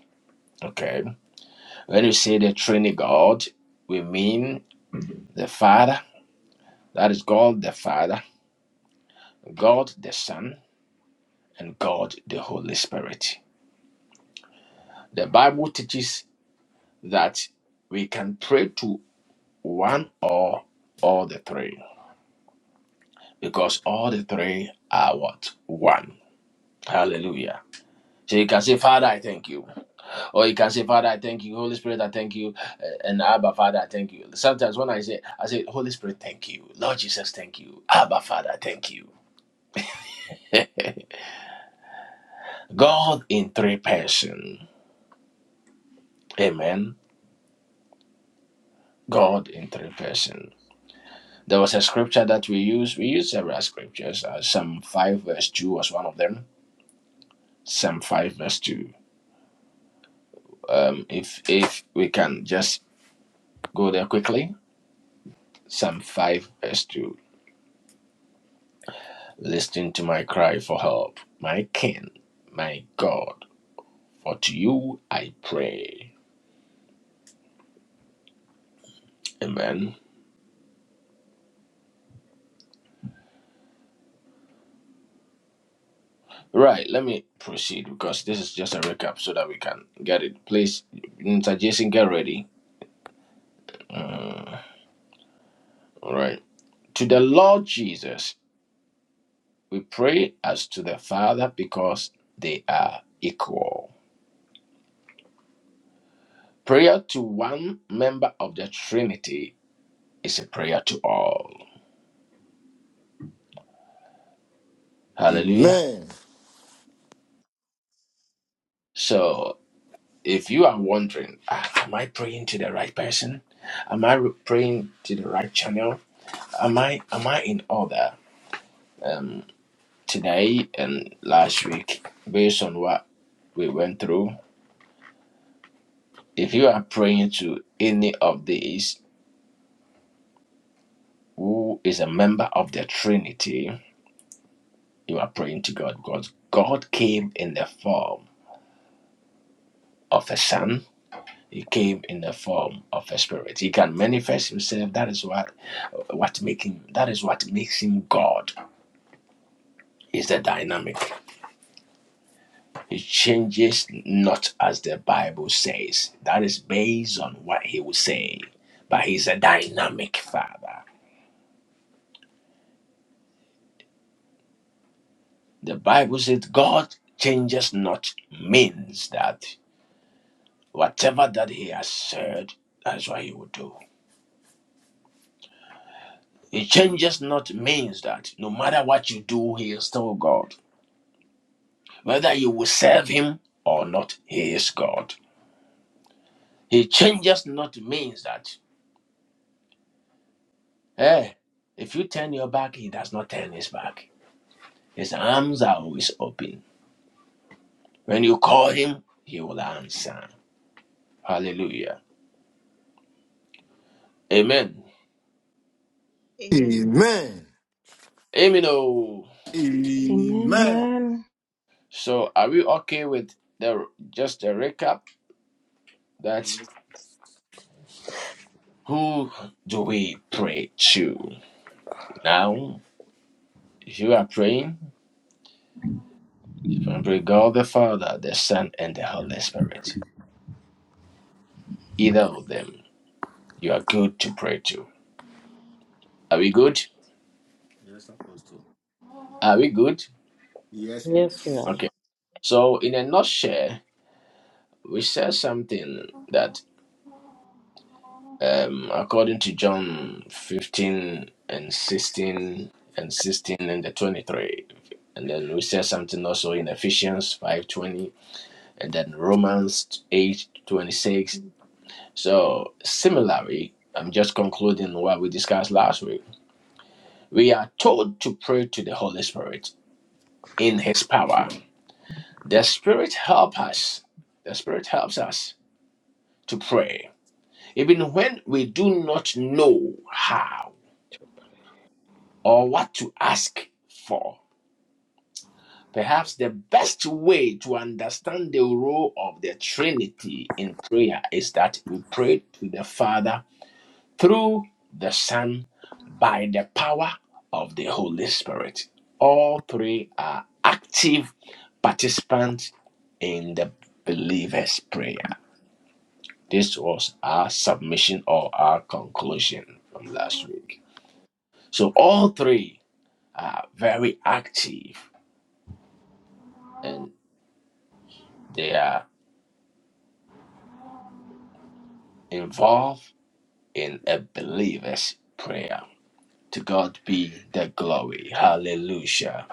S1: Okay. When you say the Trinity God, we mean the Father, that is God the Father, God the Son, and God the Holy Spirit. The Bible teaches that we can pray to one or all the three because all the three are what? One. Hallelujah. So you can say, Father, I thank you. Or you can say, Father, I thank you. Holy Spirit, I thank you. Uh, And Abba, Father, I thank you. Sometimes when I say, I say, Holy Spirit, thank you. Lord Jesus, thank you. Abba, Father, thank you. God in three person. Amen. God in three person. There was a scripture that we use. We use several scriptures. Uh, Psalm 5 verse 2 was one of them. Psalm 5 verse 2. Um, if if we can just go there quickly. Psalm 5 verse 2. Listen to my cry for help, my King, my God. For to you I pray. Amen. Right, let me proceed because this is just a recap so that we can get it. Please, Mr. Jason, get ready. Uh, all right. To the Lord Jesus, we pray as to the Father because they are equal. Prayer to one member of the Trinity is a prayer to all. Hallelujah. So, if you are wondering, "Ah, am I praying to the right person? Am I praying to the right channel? Am I am I in order um, today and last week based on what we went through? If you are praying to any of these who is a member of the Trinity, you are praying to God because God came in the form of a son. He came in the form of a spirit. He can manifest himself. That is what what making that is what makes him God. Is the dynamic. He changes not as the Bible says. That is based on what he will say. But he's a dynamic father. The Bible says God changes not means that whatever that he has said, that's what he will do. He changes not means that no matter what you do, he is still God. Whether you will serve him or not, he is God. He changes not means that, hey, if you turn your back, he does not turn his back. His arms are always open. When you call him, he will answer. Hallelujah. Amen.
S3: Amen.
S1: Amen. oh.
S3: Amen.
S4: Amen.
S7: Amen.
S3: Amen.
S4: Man.
S1: So are we okay with the just a recap? That's who do we pray to? Now, if you are praying, you can pray God the Father, the Son, and the Holy Spirit. Either of them, you are good to pray to. Are we good?
S3: Yes, Apostle.
S1: Are we good?
S3: Yes,
S5: Yes,
S3: please.
S5: Lord.
S1: Okay. So in a nutshell, we said something that. Um, according to John 15 and 16 and 16 and the 23. And then we said something also in Ephesians 5.20 and then Romans 8.26. So similarly, I'm just concluding what we discussed last week. We are told to pray to the Holy Spirit in his power. The Spirit help us. The Spirit helps us to pray. Even when we do not know how or what to ask for. Perhaps the best way to understand the role of the Trinity in prayer is that we pray to the Father through the Son by the power of the Holy Spirit. All three are active participants in the believer's prayer. This was our submission or our conclusion from last week. So, all three are very active and. They are involved in a believer's prayer. To God be the glory. Hallelujah.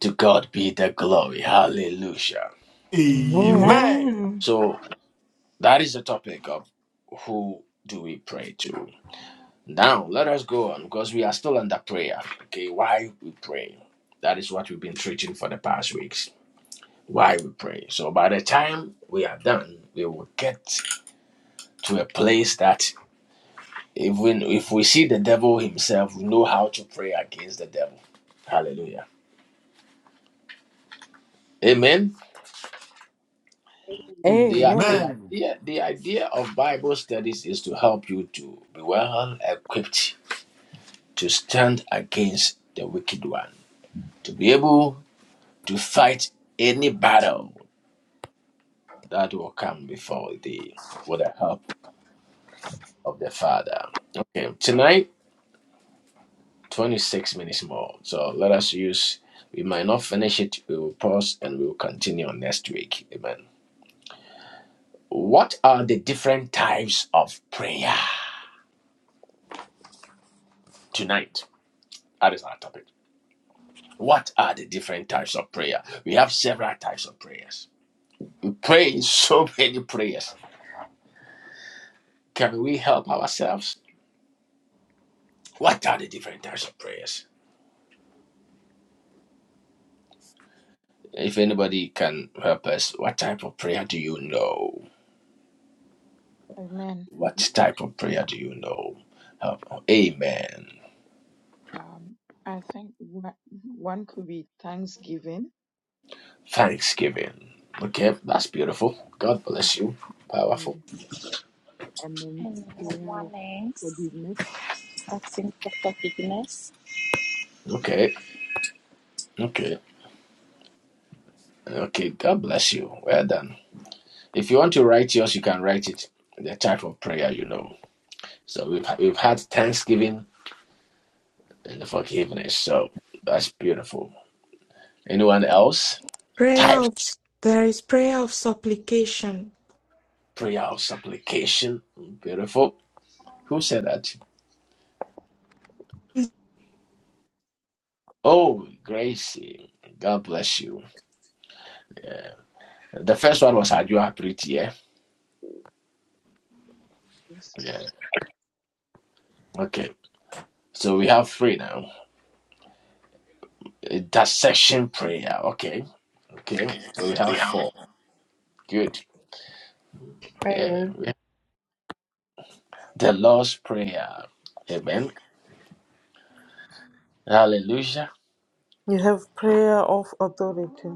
S1: To God be the glory. Hallelujah.
S5: Amen.
S3: Amen.
S4: Amen.
S1: So that is the topic of who do we pray to. Now let us go on because we are still under prayer. Okay, why we pray. That is what we've been preaching for the past weeks. Why we pray. So by the time we are done, we will get to a place that If we if we see the devil himself, we know how to pray against the devil. Hallelujah. Amen.
S7: Amen.
S1: The,
S5: Amen.
S1: the
S3: Amen.
S1: idea the idea of Bible studies is to help you to be well equipped to stand against the wicked one, to be able to fight any battle that will come before thee with the help of the Father. Okay, tonight 26 minutes more. So let us use, we might not finish it. We will pause and we will continue on next week. Amen. What are the different types of prayer? Tonight, that is our topic. What are the different types of prayer? We have several types of prayers. We pray so many prayers. Can we help ourselves? What are the different types of prayers? If anybody can help us, what type of prayer do you know?
S2: Amen.
S1: What type of prayer do you know? Help. Amen.
S2: Um, I think one one could be thanksgiving
S1: Thanksgiving. Okay, that's beautiful. God bless you. Powerful.
S2: mm, and then
S10: And uh,
S2: prayer of
S10: one is
S2: forgiveness.
S10: asking for forgiveness.
S1: Okay, okay, okay. God bless you. Well done. If you want to write yours, you can write it. The type of prayer you know. So we've we've had Thanksgiving and the forgiveness. So that's beautiful. Anyone else?
S6: Prayer
S1: Type
S6: of there is prayer of supplication.
S1: prayer of supplication. Beautiful. Who said that? Oh, Gracie. God bless you. Yeah. The first one was Adua Pretty. Yeah.
S2: Yes.
S1: Yeah. Okay. So we have three now. Uh, Dissection prayer. Okay. Okay. So we have four. Good. Yeah.
S4: Prayer.
S1: we- The Lord's Prayer. Amen. Hallelujah.
S5: You have prayer of authority.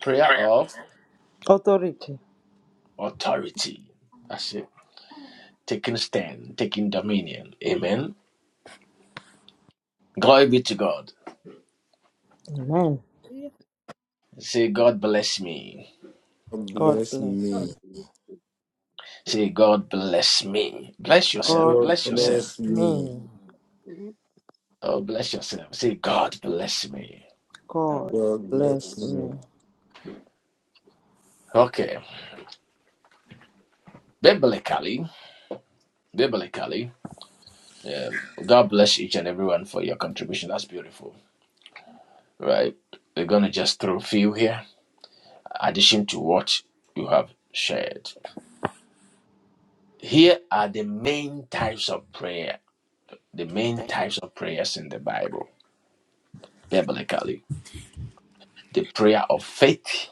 S1: Prayer of
S5: Authority.
S1: authority. That's it. Taking stand, taking dominion. Amen. Glory be to God.
S5: Amen.
S7: Yeah.
S1: Say, God bless me.
S3: God
S5: God
S3: bless
S5: bless me.
S7: God
S3: me.
S7: bless
S1: Say, God bless me. Bless
S7: us.
S1: yourself.
S5: God
S3: God
S1: Bless
S5: bless
S7: Mhm.
S1: yourself.
S3: bless me.
S5: me.
S1: Oh, bless yourself. Say, God bless me.
S7: God
S5: God
S3: God
S7: bless
S3: bless
S5: bless
S3: me.
S5: me.
S1: Okay. Biblically, biblically. Yeah. God bless each and everyone for your contribution. That's beautiful. Right. We're going to just throw a few here, addition to what you have shared. Here are the main types of prayer, the main types of prayers in the Bible, biblically. The prayer of faith.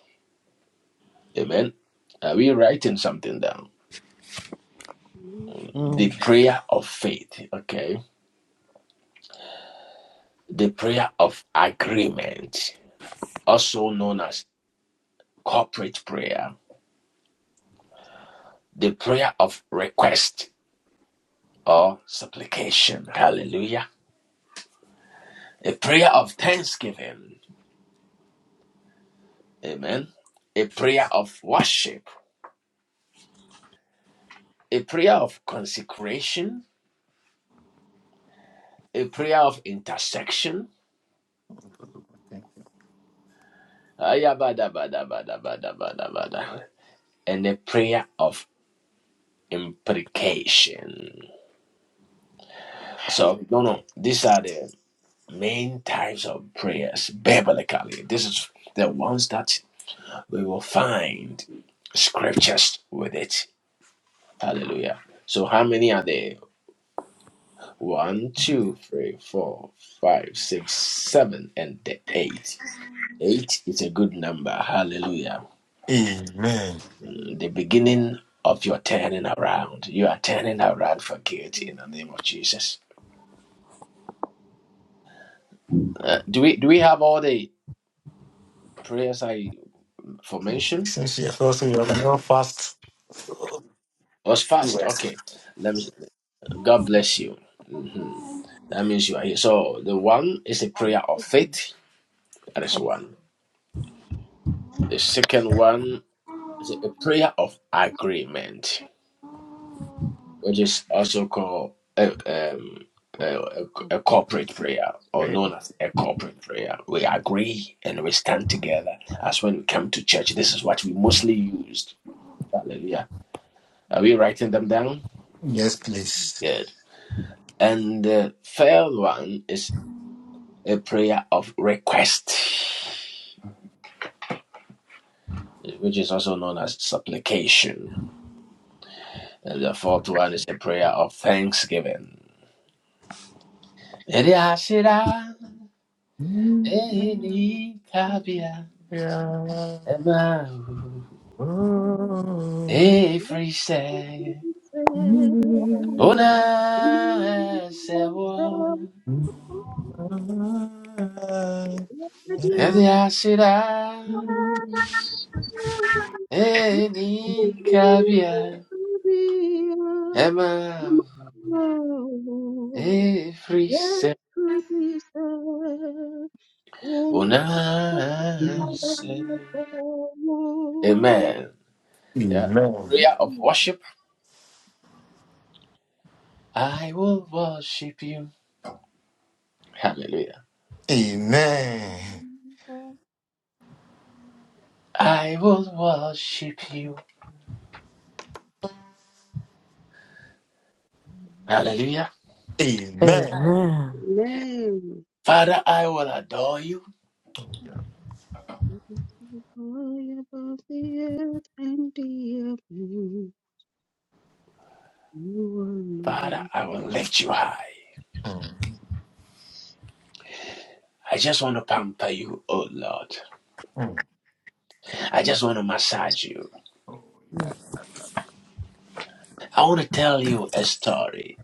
S1: Amen. Are we writing something down?
S7: you.
S1: The
S5: Mm.
S1: prayer of faith. Okay. The prayer of agreement, also known as corporate prayer. The prayer of request or supplication. Hallelujah. A prayer of thanksgiving. Amen. A prayer of worship. A prayer of consecration. A prayer of intersection. Ayabadabadabadabadabada. And a prayer of imprecation. So, no, no, these are the main types of prayers biblically. This is the ones that we will find scriptures with it. Hallelujah. So, how many are there? One, two, three, four, five, six, seven, and the eight. Eight is a good number. Hallelujah.
S3: Amen.
S1: Mm, The beginning of your turning around. You are turning around for good in the name of Jesus. Uh, do we do we have all the prayers I for mention?
S3: Since you're also you have no fast.
S1: It Was fast.
S3: Yes.
S1: Okay. Let me. God bless you. hmm That means you are here. So the one is a prayer of faith. That is
S2: Okay.
S1: one. The second one is a prayer of agreement. which is also called a, um, a, a corporate prayer or known as a corporate prayer. We agree and we stand together as when we come to church. This is what we mostly used. Hallelujah. Are we writing them down?
S3: Yes, please.
S1: Good. And the third one is a prayer of request, which is also known as supplication. And the fourth one is a prayer of thanksgiving. Eriashira, Eri
S2: Amen.
S1: Kabia,
S2: Me,
S3: Yeah.
S1: Emma,
S7: Mhm. Mhm.
S3: Oh.
S7: Let
S1: every say,
S7: me say, Amen.
S1: Ona sewo, Ede Eni kabia, Emma, every say, Ona se. Amen. Yeah, a
S3: Amen.
S1: prayer of worship. I will worship you. Hallelujah.
S3: Amen.
S1: I will worship you. Hallelujah.
S3: Amen.
S5: Amen.
S1: Father, I will adore you.
S3: Oh, yeah.
S7: High above the earth and the heaven,
S1: Father,
S7: you
S1: I will lift you high.
S3: Mm,
S1: I just want to pamper you, oh Lord. I just want to massage you. I want to tell you a story.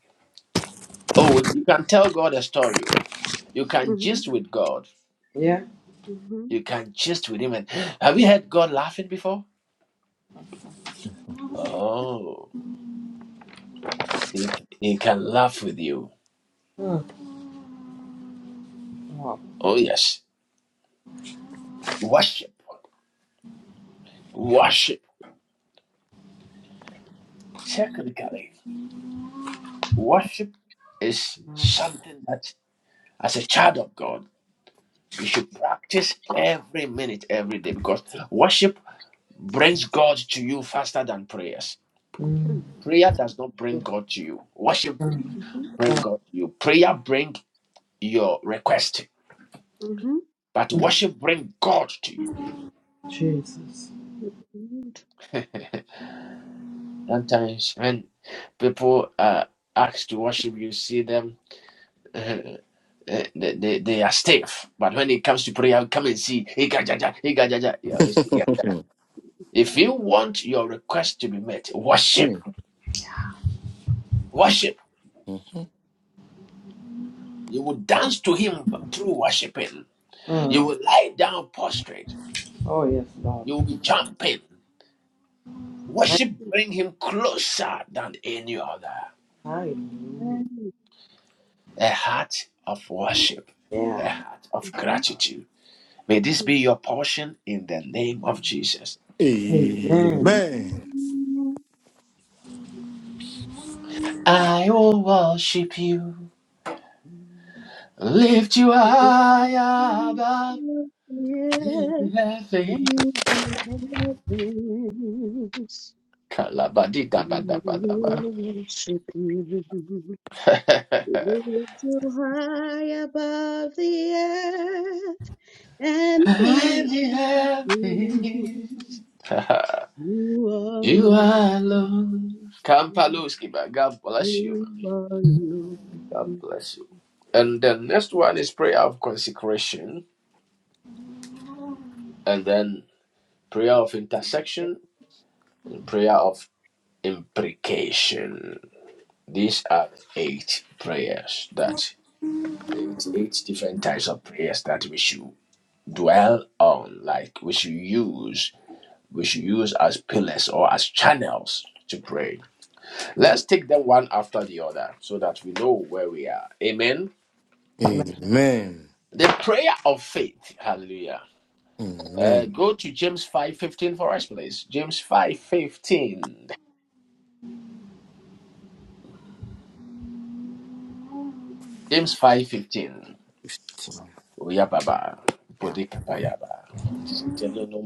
S1: Oh, well, you can tell God a story. You can
S7: alone.
S1: gist with God.
S5: Yeah.
S7: Mhm.
S1: You can gist with Him. And have you heard God laughing before? Oh, He, he can laugh with you.
S5: Lord.
S1: Oh, yes. Worship. Worship. Technically, worship is something that, as a child of God, you should practice every minute, every day, because worship brings God to you faster than prayers.
S7: Mhm.
S1: Prayer does not bring God to you. Worship bring God to you. Prayer bring your request,
S7: Mhm.
S1: but worship bring God to you.
S5: Jesus.
S7: Mhm.
S1: Sometimes when people are asked to worship, you see them. eh, eh, they, they, they are stiff, but when it comes to prayer, come and see. Ikajaja, ikajaja, you are always If you want your request to be met, worship,
S3: mm.
S1: worship.
S3: Oh, yeah.
S1: You will dance to Him through worshiping. You
S5: Mm.
S1: will lie down prostrate
S5: Oh yes, Lord.
S1: You will be jumping.
S5: And
S1: Worship bring him closer than any other. A heart of worship, a
S5: Yeah.
S1: heart of gratitude. May this be your portion in the name of Jesus.
S3: Amen.
S1: I will worship you, lift you high above in heaven.
S7: Mhm.
S1: Kalabadidabadabadaba.
S7: Worship you. Lift you high above the earth and the
S1: In the
S7: blue.
S1: heavens.
S7: You
S1: You
S7: are
S1: are Lord.
S7: Lord.
S1: Kampaloski, man. God bless you,
S7: You
S1: mommy.
S7: alone.
S1: God bless you. And the next one is prayer of consecration, and then prayer of intersection, and prayer of imprecation. These are the eight prayers that eight, eight different types of prayers that we should dwell on, like we should use, we should use as pillars or as channels to pray. Let's take them one after the other so that we know where we are. Amen.
S3: Amen.
S1: The prayer of faith. Hallelujah. Uh,
S3: Amen.
S1: go to James 5:15 for us, please. James 5:15. James 5:15.
S3: 15.
S1: Oya baba.
S3: Yeah.
S1: Bode kapaya no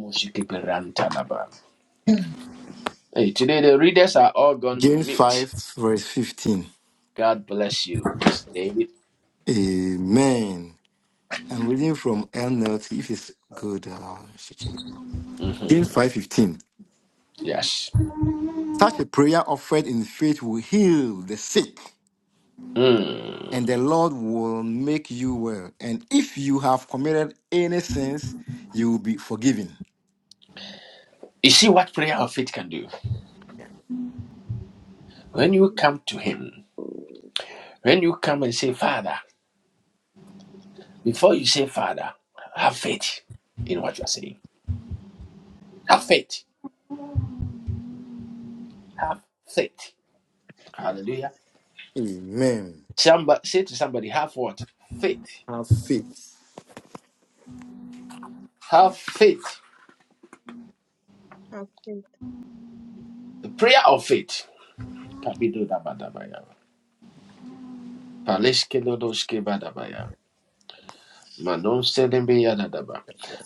S1: Hey, today the readers are all gone
S3: James
S1: mute.
S3: 5, verse 15.
S1: God bless you, Pastor David.
S3: Amen. I'm reading from NLT. If it's good, uh, I should check. James
S1: Mhm.
S3: 5 15.
S1: Yes.
S3: Such a prayer offered in faith will heal the sick,
S1: Mm.
S3: and the Lord will make you well. And if you have committed any sins, you will be forgiven.
S1: You see what prayer of faith can do? When you come to Him, when you come and say, Father, Before you say Father, have faith in what you're saying. Have faith. Have faith. Hallelujah.
S3: Amen.
S1: Somebody, say to somebody, have what? Faith.
S3: Have faith.
S1: Have faith.
S7: Have faith.
S1: The prayer of faith.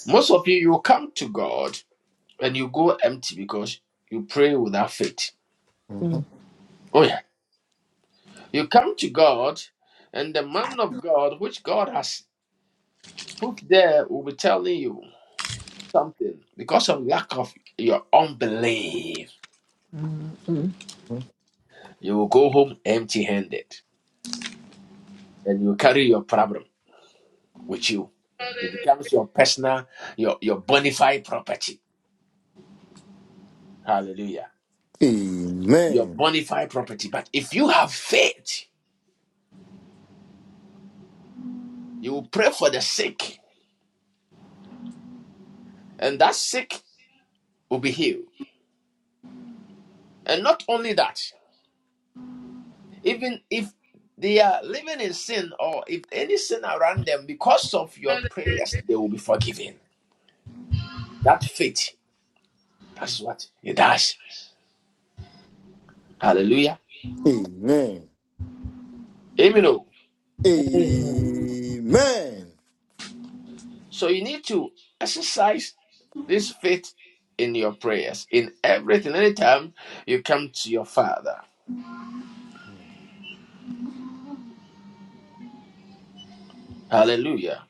S1: Most of you, you come to God and you go empty because you pray without faith.
S3: Mhm.
S1: Oh, yeah. You come to God and the man of God, which God has put there, will be telling you. something, because of lack of your unbelief, you will go home empty handed and you carry your problem with you. It becomes your personal, your, your bona fide property. Hallelujah. Your
S3: Amen.
S1: bona fide property. But if you have faith, you will pray for the sick, and that sick will be healed. And not only that, even if they are living in sin or if any sin around them, because of your prayers, they will be forgiven. That faith, that's what it does. Hallelujah.
S3: Amen.
S1: Amen. oh.
S3: Amen.
S1: So you need to exercise this faith in your prayers, in everything, anytime you come to your Father. Hallelujah.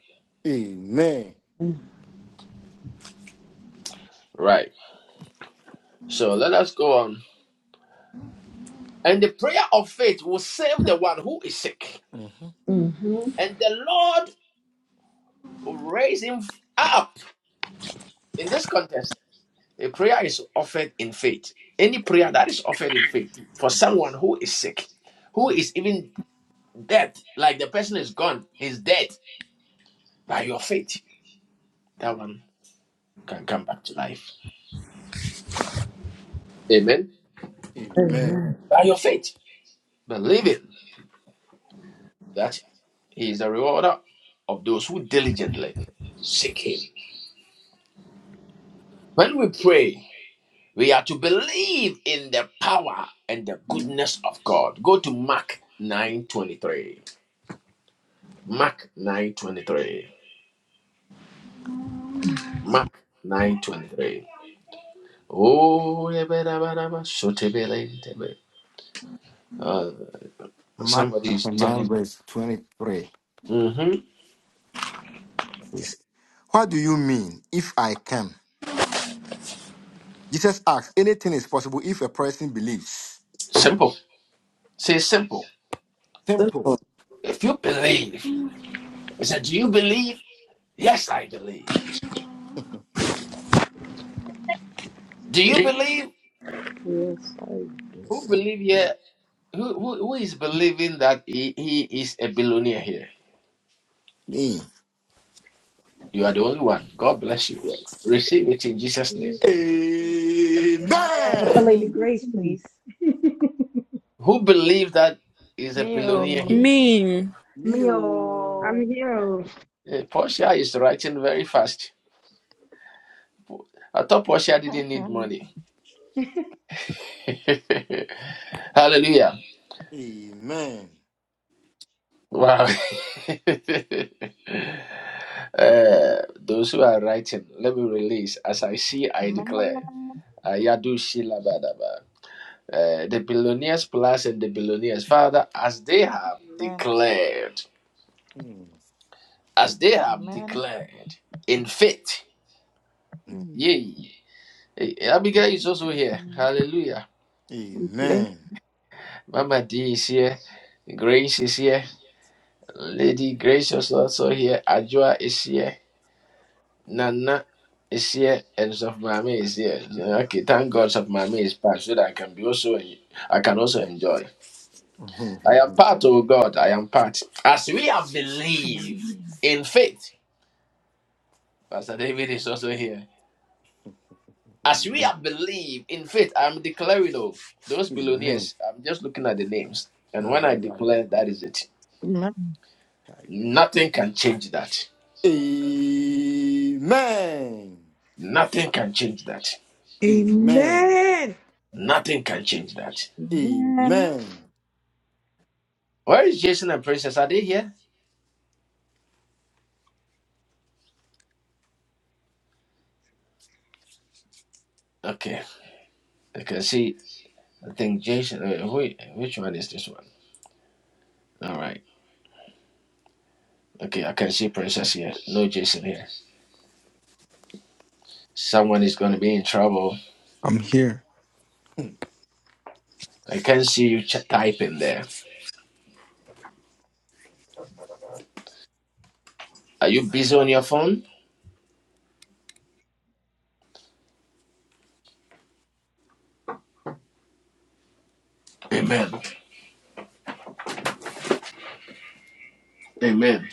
S3: Amen.
S1: Right. So let us go on. And the prayer of faith will save the one who is sick,
S3: Mhm.
S1: and the Lord will raise him up. In this context, a prayer is offered in faith. Any prayer that is offered in faith for someone who is sick, who is even dead, like the person is gone, he's dead. By your faith, that one can come back to life. Amen.
S3: Amen.
S1: By your faith, believing that He is the rewarder of those who diligently seek Him. When we pray, we are to believe in the power and the goodness of God. Go to Mark 9:23. Mark 9:23. Mark 9:23. Oh, yabba dabba
S3: Mark
S1: somebody is
S3: chapter 9,
S1: telling.
S3: verse 23
S1: hmm
S3: says, What do you mean if I can? Jesus asks, Anything is possible if a person believes.
S1: Simple. Say simple.
S3: Simple.
S5: Merciful.
S1: If you believe, he said, Do you believe? Yes, I believe. Do you believe?
S5: Yes.
S1: Who
S3: Yes, I
S1: believe
S3: believe.
S1: here? Who, who, who is believing that he, he is a billionaire here?
S3: Me.
S1: You are the only one. God bless you.
S3: Yes.
S1: Receive it in Jesus' name.
S4: Up a
S3: Amen.
S4: lady grace, please.
S1: Who believe that is a billionaire here?
S2: oh,
S11: Mean.
S3: Me. oh.
S7: I'm
S4: Meal.
S7: here.
S1: Eh, Portia is writing very fast. I thought Portia didn't need money. Hallelujah.
S3: Amen.
S1: Wow. Uh, those who are writing, let me release. As I see, I declare. Ayadu Shilabadaba. Uh, the billionaires plus and the billionaires, Father, as they have
S2: Amen.
S1: declared,
S3: Mm.
S1: as they have
S2: Amen. Amen.
S1: declared in faith.
S3: Mm.
S2: Mm.
S1: Yay. Eh, eh, Abigail is also here.
S2: Mm.
S1: Hallelujah.
S2: We
S3: Amen.
S1: Mama D is here. Grace is here. Lady Grace is also here. Ajua is here. Nana is here. And Sof Mame is here. So, Okay, thank God Sof Mame is back so that I can be also I can also enjoy. I am part, oh God, I am part. As we have believed
S2: Mm.
S1: in faith, Pastor David is also here. As we
S3: Amen.
S1: have believed in faith, I'm declaring of those
S3: Amen.
S1: billionaires. I'm just looking at the names.
S3: Ah,
S1: And when
S3: yeah,
S1: I
S3: yeah, yeah,
S1: declare, that
S3: yeah.
S1: is it.
S3: Amen. Amen.
S1: Nothing can change that. Nothing can change that.
S3: Amen.
S6: Amen.
S1: Nothing can change that.
S2: Amen. Amen.
S3: Amen.
S1: Where is Jason and Princess? Are they here? Okay. I can see. I think Jason. Uh, who, which one is this one? All right. Okay. I can see Princess here. No Jason here. Someone is going to be in trouble.
S12: I'm here.
S1: I can't see you ch- typing there. Are you busy on your phone? Amen. Amen.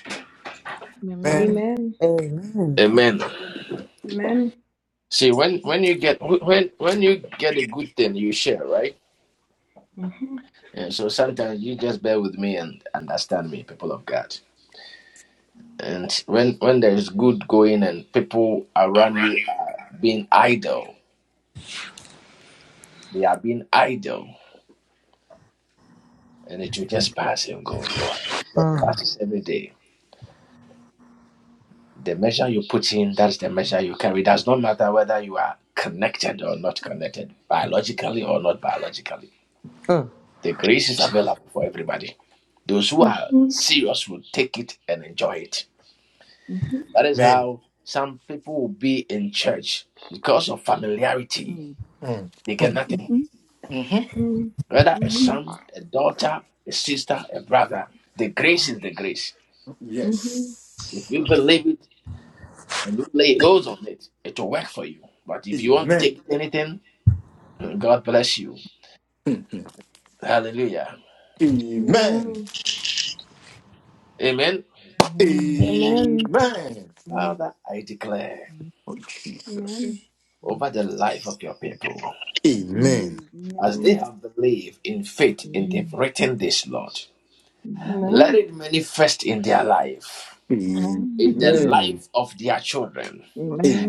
S2: Amen.
S4: Amen.
S5: Amen.
S1: Amen.
S4: Amen.
S1: See, when when you get when when you get a good thing, you share, right?
S4: Mm-hmm.
S1: And so sometimes you just bear with me and understand me, people of God. And when when there is good going and people around you are being idle, they are being idle, and it will just pass and go. It just
S5: Mm.
S1: passes every day. The measure you put in, that's the measure you carry. It does not matter whether you are connected or not connected, biologically or not biologically.
S5: Mm.
S1: The grace is available for everybody. Those who are serious will take it and enjoy it.
S4: Mm-hmm.
S1: That is
S3: Amen.
S1: how some people will be in church because of familiarity.
S2: Mm.
S3: Mm.
S1: They get nothing.
S2: Mhm.
S3: hmm
S4: Mm-hmm.
S1: Whether a
S4: Mm-hmm.
S1: son, a daughter, a sister, a brother, the grace is the grace.
S4: Mm-hmm.
S3: Yes.
S1: If you believe it and you lay hold on it, it will work for you. But if you want to
S3: Amen.
S1: take anything, God bless you.
S3: Mhm.
S1: Hallelujah.
S3: Amen.
S1: Amen.
S2: Amen.
S4: Amen.
S3: Amen.
S1: Father, I declare
S3: Oh, Jesus.
S4: Amen.
S1: over the life of your people,
S3: Amen.
S1: as they
S4: Amen.
S1: have believed in faith and they've
S2: Amen.
S1: written this, Lord, let
S4: Amen.
S1: it manifest in their life.
S3: Amen.
S4: Amen.
S1: In the
S2: Amen.
S3: Amen.
S1: life of their children,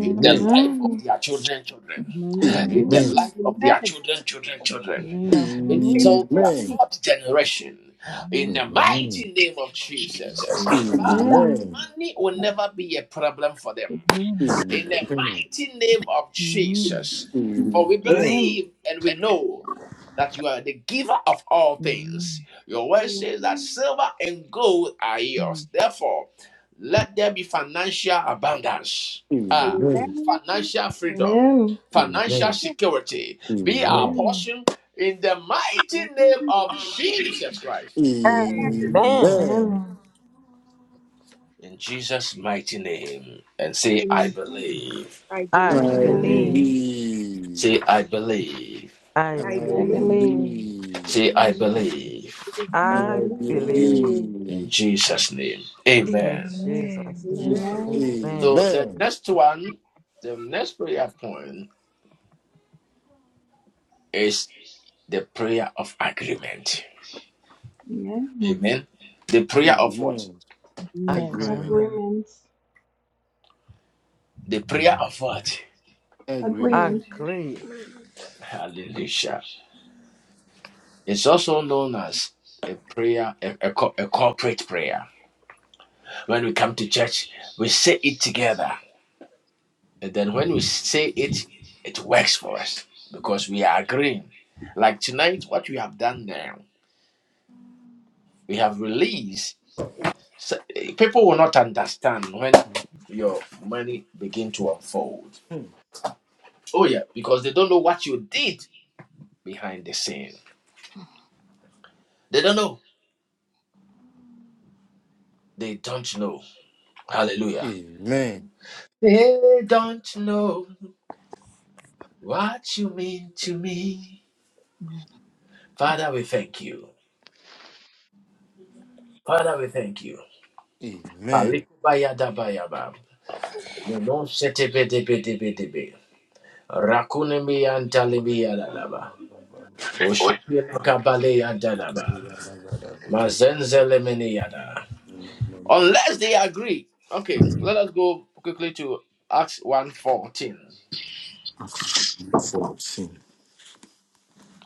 S1: in
S2: Amen.
S1: the life of
S4: Amen.
S1: their children, children,
S2: Amen.
S1: in the
S3: Amen.
S4: Amen.
S1: life
S7: Amen.
S1: of their children, children, children,
S2: Amen.
S7: Amen.
S1: until
S4: Amen. Amen.
S1: their fourth generation, in
S2: Amen.
S1: the mighty name of Jesus.
S2: Mhm.
S3: Amen.
S1: Father,
S4: Amen.
S1: money will never be a problem for them.
S2: Amen.
S3: Amen.
S1: in the mighty name of
S2: Amen.
S1: Jesus.
S3: Amen.
S1: For we
S3: Amen.
S4: Amen.
S1: believe and we know that you are the giver of all things.
S2: Amen.
S1: Your word
S7: Amen.
S1: says that
S7: Amen.
S1: silver and gold are yours. Therefore, let there be financial abundance, ah,
S7: Amen.
S3: Amen.
S7: Hallelujah.
S1: financial freedom,
S4: Amen.
S1: financial
S7: Amen.
S3: Amen.
S1: security. Be our
S3: Amen.
S4: Amen.
S1: portion in the mighty name of Jesus Christ.
S5: Amen.
S3: Amen.
S4: Amen.
S1: In Jesus' mighty name. And say, I
S7: Amen.
S1: believe.
S7: I
S5: I
S4: I
S7: believe.
S3: I
S2: Amen.
S5: believe.
S4: believe.
S1: Say,
S3: believe.
S1: I believe.
S3: I
S5: I
S7: I
S4: I
S2: Believe.
S5: believe.
S7: believe.
S4: believe.
S3: believe.
S1: See, I believe
S2: Amen.
S3: I
S7: I
S5: I
S4: I
S7: believe.
S5: believe.
S4: believe.
S1: in
S3: believe.
S1: Jesus' name.
S5: In
S1: Amen.
S5: Jesus'
S6: Amen.
S5: name.
S3: Jesus.
S7: Amen.
S4: Amen.
S5: Amen.
S1: So the
S3: Amen.
S1: next one, the next prayer point is the prayer of agreement.
S4: Amen.
S1: Amen. The prayer of what?
S3: Amen.
S2: Mhm. Amen.
S3: Agreement.
S5: Agreement.
S4: Agreement.
S1: The prayer of what?
S3: Agreement.
S4: Agreement.
S5: Agree.
S1: Hallelujah. It's also known as a prayer, a, a, a corporate prayer. When we come to church, we say it together. And then when we say it, it works for us because we are agreeing. Like tonight, what we have done there. We have released. So, eh, people will not understand when your money begin to unfold.
S3: Hmm.
S1: Oh yeah, because they don't know what you did behind the scene. They don't know. They don't know. Hallelujah.
S3: Amen.
S1: They don't know what you mean to me.
S2: Mhm.
S1: Father, we thank you. Father, we thank you.
S3: Amen.
S1: Alikubayadabayaba. Lenoshetebedebedebedebe. Rakunemi antalemi yadalaba. Oshapilakabale yadalaba. Mazenzelemeniada. Unless they agree. Okay, let us go quickly to Acts one fourteen.
S3: Acts 14.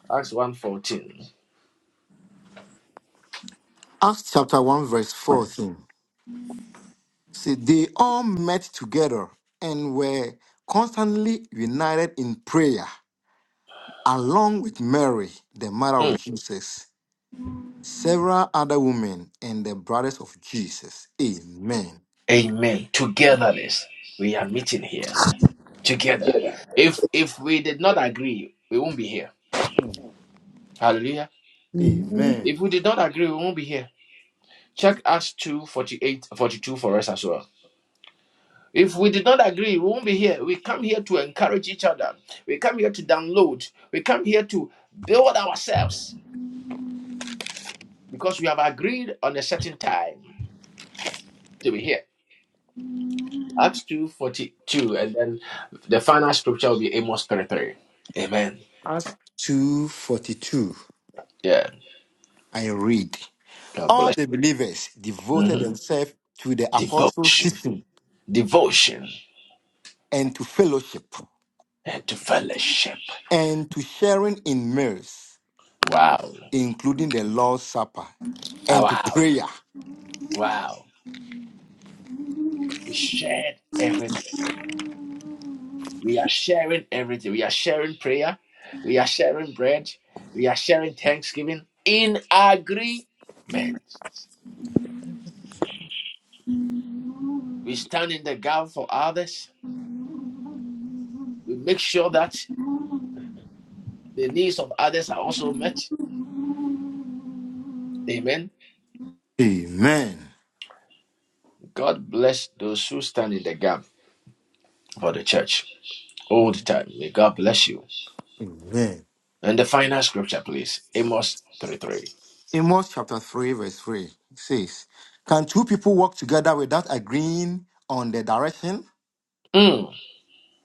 S1: Acts one fourteen.
S3: Acts chapter 1, verse 14. See, they all met together and were constantly united in prayer, along with Mary, the mother
S1: Hmm.
S3: of Jesus, several other women, and the brothers of Jesus. Amen.
S1: Amen. Togetherness. We are meeting here. Together. If if we did not agree, we won't be here.
S3: Mm.
S1: Hallelujah.
S3: Amen.
S1: If we did not agree, we won't be here. Check Acts 2 48 42 for us as well. If we did not agree, we won't be here. We come here to encourage each other. We come here to download. We come here to build ourselves because we have agreed on a certain time to be here. Acts 2.42, and then the final scripture will be Amos 33. Amen.
S3: Acts 2:42.
S1: Yeah,
S3: I read.
S1: God
S3: All
S1: bless.
S3: the believers devoted
S1: hmm
S3: themselves to the apostles'
S1: Devotion.
S3: teaching
S1: Devotion
S3: and to fellowship
S1: and to fellowship.
S3: and to sharing in meals,
S1: Wow.
S3: including the Lord's Supper
S1: Ah,
S3: and to
S1: Wow.
S3: prayer.
S1: Wow. We shared everything. We are sharing everything. We are sharing prayer. We are sharing bread. We are sharing thanksgiving in agreement. We stand in the gap for others We make sure that the needs of others are also met. Amen.
S3: Amen.
S1: God bless those who stand in the gap for the church all the
S3: Mm,
S1: time. May God bless you.
S3: Amen.
S1: And the final scripture, please Amos 3 3.
S3: Amos chapter 3, verse 3 says, Can two people walk together without agreeing on the direction?
S1: Mm.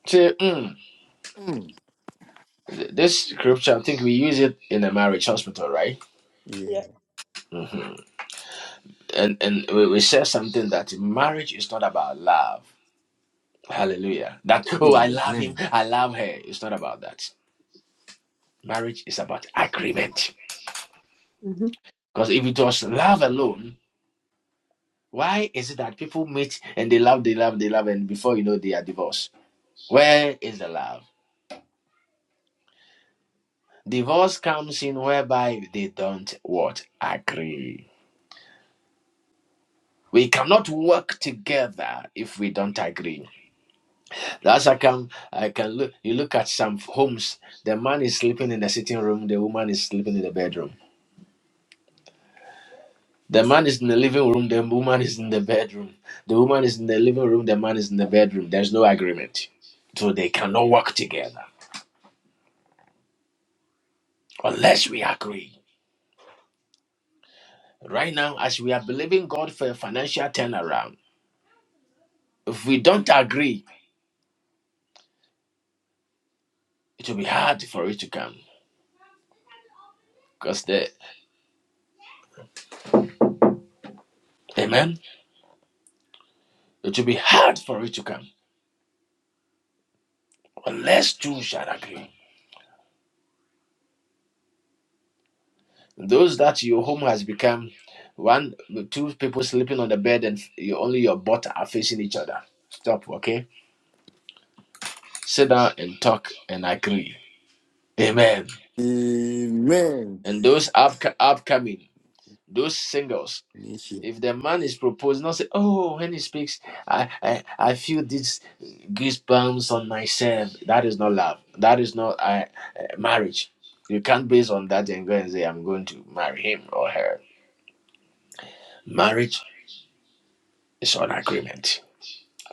S1: Say, mm.
S3: Mm.
S1: This scripture, I think we use it in a marriage hospital, right?
S7: Yeah.
S3: Yeah.
S1: And and we, we say something that marriage is not about love. Hallelujah. That, oh, I love him,
S3: Amen.
S1: I love her. It's not about that. Marriage is about agreement.
S7: Mm-hmm.
S1: Because if it was love alone, Why is it that people meet and they love, they love, they love, and before you know, they are divorced? Where is the love? Divorce comes in whereby they don't what agree. We cannot work together if we don't agree. That's I can, I can look. You look at some homes. The man is sleeping in the sitting room. The woman is sleeping in the bedroom. The man is in the living room. The woman is in the bedroom. The woman is in the living room. The man is in the bedroom. There's no agreement, so they cannot work together unless we agree. Right now, as we are believing God for a financial turnaround, if we don't agree, it will be hard for it to come. Because the Amen, it will be hard for it to come unless two shall agree. Those that your home has become one, two people sleeping on the bed and you, only your butt are facing each other. Stop, okay? Sit down and talk and agree. Amen.
S3: Amen.
S1: And those up, upcoming, those singles.
S3: Nisha.
S1: If the man is proposed, not say, oh, when he speaks, I, I, I feel this goosebumps on myself. That is not love. That is not uh, uh, marriage. You can't base on that and go and say, I'm going to marry him or her. Marriage is on agreement.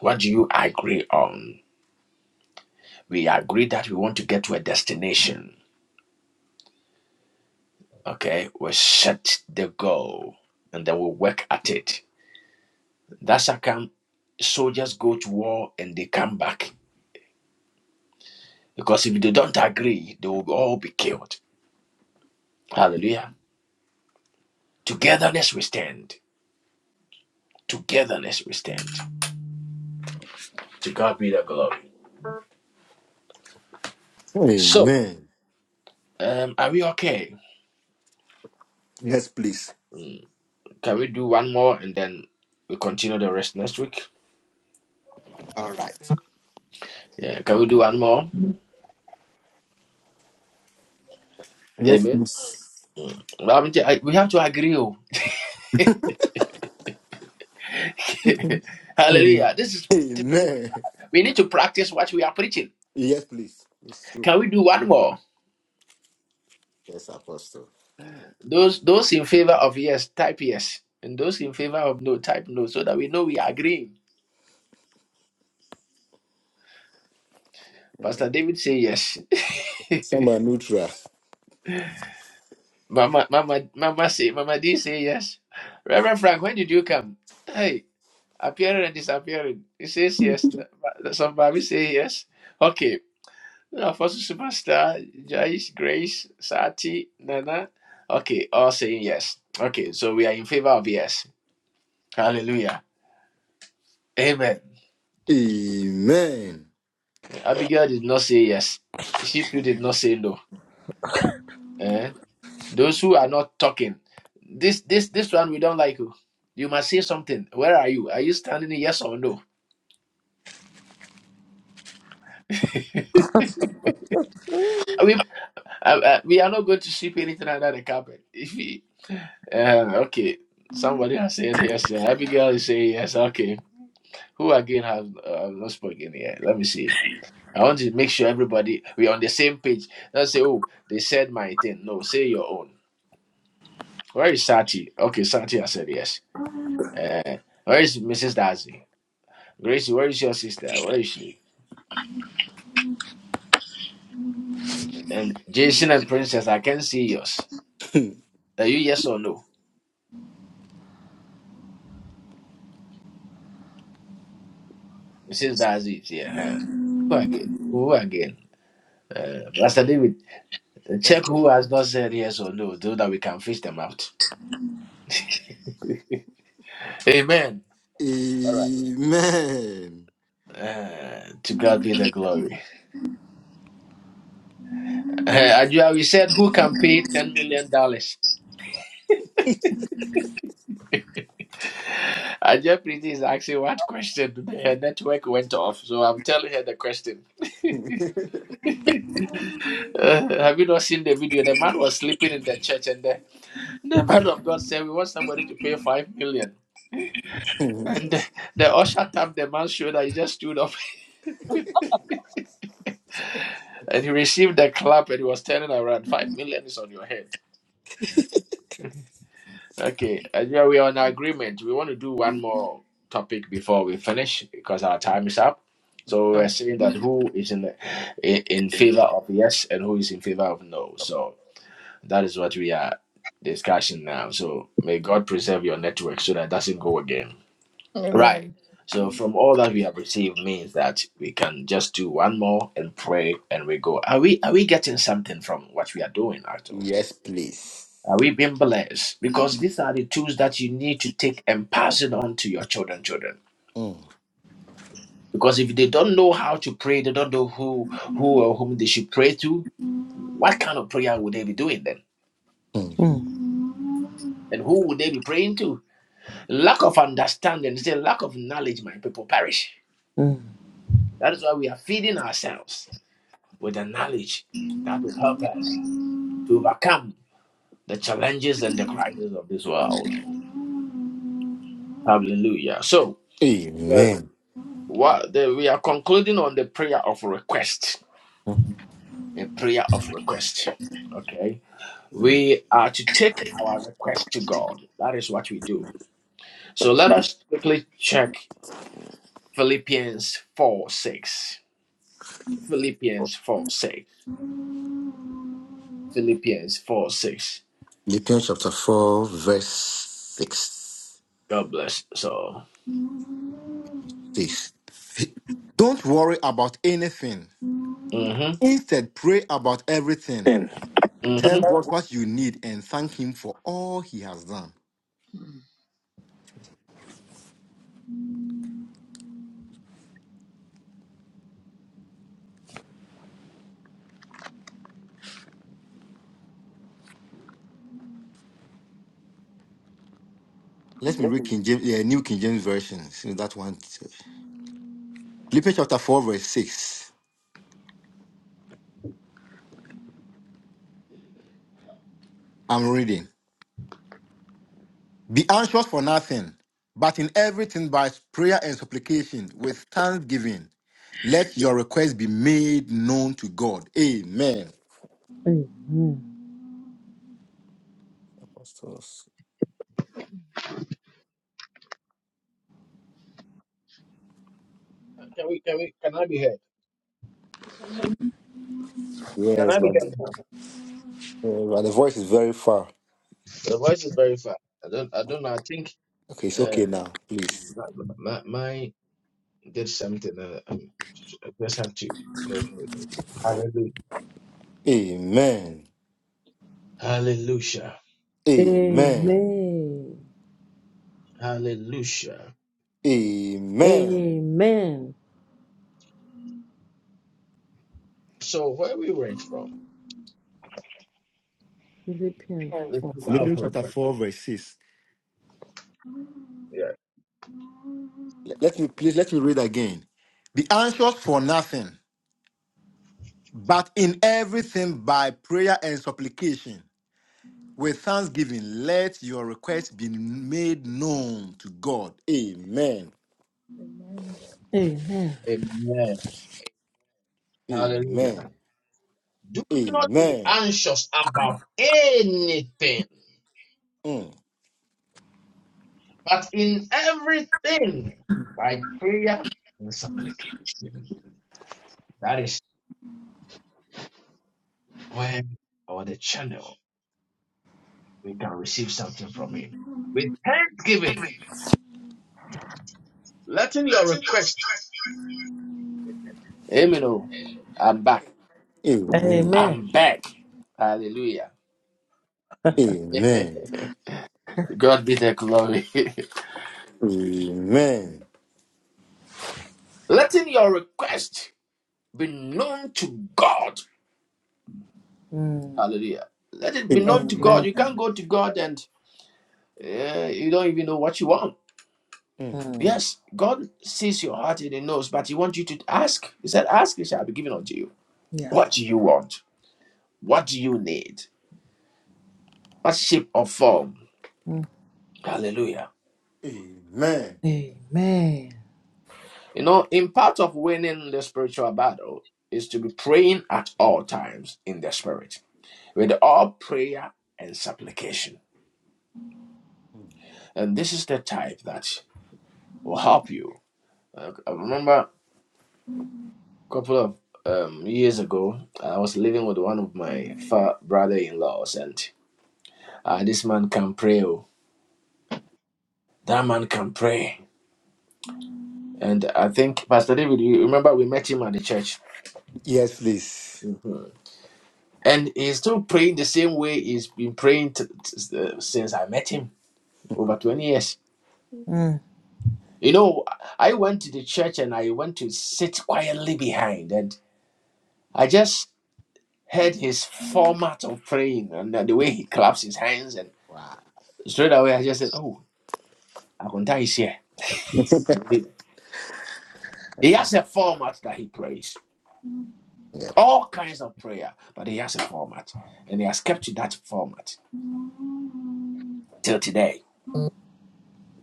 S1: What do you agree on? We agree that we want to get to a destination. Okay, we set the goal and then we work at it. That's how come soldiers go to war and they come back Because if they don't agree, they will all be killed. Hallelujah. Togetherness we stand. Togetherness we stand. To God be the glory. So,
S3: Amen.
S1: um, are we okay?
S3: Yes, please.
S1: Mm, Can we do one more and then we continue the rest next week?
S3: All right.
S1: Yeah, can we do one more?
S3: Yes,
S1: Amen.
S3: please.
S1: Well, I'm j- I- We have to agree. oh.
S3: Mm.
S1: Hallelujah. This is typical.
S3: Amen.
S1: We need to practice what we are preaching.
S3: Yes, please. It's true.
S1: Can we do one more?
S3: Yes, Apostle.
S1: Those those in favor of yes, type yes. And those in favor of no, type no, so that we know we are agreeing.
S3: Mm.
S1: Pastor David say yes.
S3: Some are neutral.
S1: Mama, Mama, Mama say, Mama D say yes. Reverend Frank, when did you come? Hey, appearing and disappearing. He says yes. Some Somebody say yes. Okay. Now, Apostle Superstar, Joyce, Grace, Sati, Nana. Okay, all saying yes. Okay, so we are in favor of yes. Hallelujah. Amen.
S3: Amen.
S1: Abigail did not say yes. She too did not say no. Eh. Those who are not talking. This this this one we don't like you. You must say something. Where are you? Are you standing? Yes or no? We uh, uh, we are not going to sweep anything under the carpet. If we, uh, okay, somebody has said yes. Uh, Abigail is saying yes. Okay, who again has uh, not spoken yet? Let me see. I want to make sure everybody we're on the same page. Don't say, oh, they said my thing. No, say your own. Where is Sati? Okay, Sati has said yes. Uh, where is Mrs. Darcy? Gracie, where is your sister? Where is she? And Jason and Princess, I can see yours. Are you yes or no? Mrs. Darcy, yeah. huh? Who again? Who again? Uh, Pastor David, check
S3: Apostle.
S1: who has not said yes or no, so that we can fish them out. Amen. All right.
S3: Amen.
S1: Uh, to God be the glory. Uh, Ajua, we said who can pay ten million dollars. Ajua Priti is asking what question. Her network went off, so I'm telling her the question. Uh, have you not seen the video? The man was sleeping in the church, and the The man of God said, We want somebody to pay five million. And the, the usher tapped the man's shoulder. He just stood up and he received the clap and he was turning around. Five million is on your head. Okay. And yeah, we are on agreement. We want to do one more topic before we finish because our time is up. So we're saying that who is in, in in favor of yes and who is in favor of no. So that is what we are discussing now. So may God preserve your network so that it doesn't go again. Right. So from all that we have received means that we can just do one more and pray and we go. Are we are we getting something from what we are doing at all?
S3: yes, please.
S1: Are we being blessed? Because these are the tools that you need to take and pass it on to your children, children.
S3: Mm,
S1: Because if they don't know how to pray, they don't know who who or whom they should pray to, what kind of prayer would they be doing then?
S3: mm.
S5: Mm,
S1: And who would they be praying to? Lack of understanding, say lack of knowledge, my people perish.
S5: mm,
S1: That is why we are feeding ourselves. with the knowledge that will help us to overcome the challenges and the crises of this world. Hallelujah. So, the,
S3: Amen.
S1: what the, we are concluding on the prayer of request.
S3: Mm.
S1: A prayer of request. Okay.
S3: mm.
S1: We are to take our request to God. That is what we do. So, let us quickly check Philippians 4 6. Philippians 4 6. Philippians 4 6.
S3: Philippians chapter 4, verse 6.
S1: God bless. So,
S3: 6. Don't worry about anything.
S1: mm
S3: Instead, pray about everything.
S1: hmm.
S3: Tell God what you need and thank Him for all He has done. Let me read King James, yeah, New King James Version. Since that one. Philippians chapter 4, verse 6. I'm reading. Be anxious for nothing, but in everything by prayer and supplication with thanksgiving, let your requests be made known to God. Amen.
S5: Amen.
S3: Pastors.
S7: Can we? Can we? Can I be heard? Can
S3: Yes,
S7: I be
S3: but,
S7: heard now?
S3: uh, but the voice is very far.
S7: The voice is very far. I don't. I don't know. I think
S3: Okay, it's
S7: uh,
S3: okay now, please.
S7: my my did something. Uh, um, I just have to go. for it. Hallelujah.
S3: Amen.
S7: Hallelujah.
S3: Amen.
S5: Amen.
S7: Hallelujah.
S3: Amen.
S5: Amen.
S7: So where we went from?
S5: Philippians
S7: Let's
S5: 4.
S7: look
S5: six.
S7: out
S3: Philippians
S7: for a
S3: chapter
S7: second.
S3: 4, verse 6.
S7: Yeah.
S3: Le- Let me please let me read again. Be anxious for nothing, but in everything by prayer and supplication. With thanksgiving, let your request be made known to God. Amen.
S2: Amen.
S5: Amen.
S7: Amen. Hallelujah.
S3: Amen.
S7: Do not be
S3: Amen.
S7: anxious about anything,
S3: Mm.
S7: but in everything by prayer and supplication. That is where or the channel we can receive something from Him. With thanksgiving, letting your request
S1: Amen. oh. I'm back.
S3: Amen.
S5: Amen.
S1: I'm back. Hallelujah.
S3: Amen.
S1: God be the glory.
S3: Amen.
S1: Letting your request be known to God.
S5: mm,
S1: Hallelujah. Let it be known to God.
S3: Amen.
S5: Amen.
S1: You can't go to God and uh, you don't even know what you want.
S3: Mm.
S5: mm,
S1: Yes, God sees your heart and He knows, but He wants you to ask. He said, Ask, it shall be given unto you.
S5: Yeah.
S1: What do you want? What do you need? What shape or form?
S5: mm,
S1: Hallelujah.
S3: Amen.
S5: Amen.
S1: You know, in part of winning the spiritual battle is to be praying at all times in the spirit with all prayer and supplication.
S3: Mm.
S1: And this is the type that will help you. Uh, I remember a couple of um, years ago, I was living with one of my fa- brother-in-laws, and uh, this man can pray. Oh, that man can pray. And I think Pastor David, you remember we met him at the church.
S3: Yes, please.
S1: Mhm. And he's still praying the same way he's been praying t- t- uh, since I met him over 20 years.
S5: mm.
S1: You know, I went to the church and I went to sit quietly behind, and I just heard his format of praying and uh, the way he claps his hands. And
S3: Wow.
S1: straight away, I just said, Oh, Akunta is here. He has a format that he prays,
S3: Yep.
S1: all kinds of prayer, but he has a format, and he has kept to that format till today.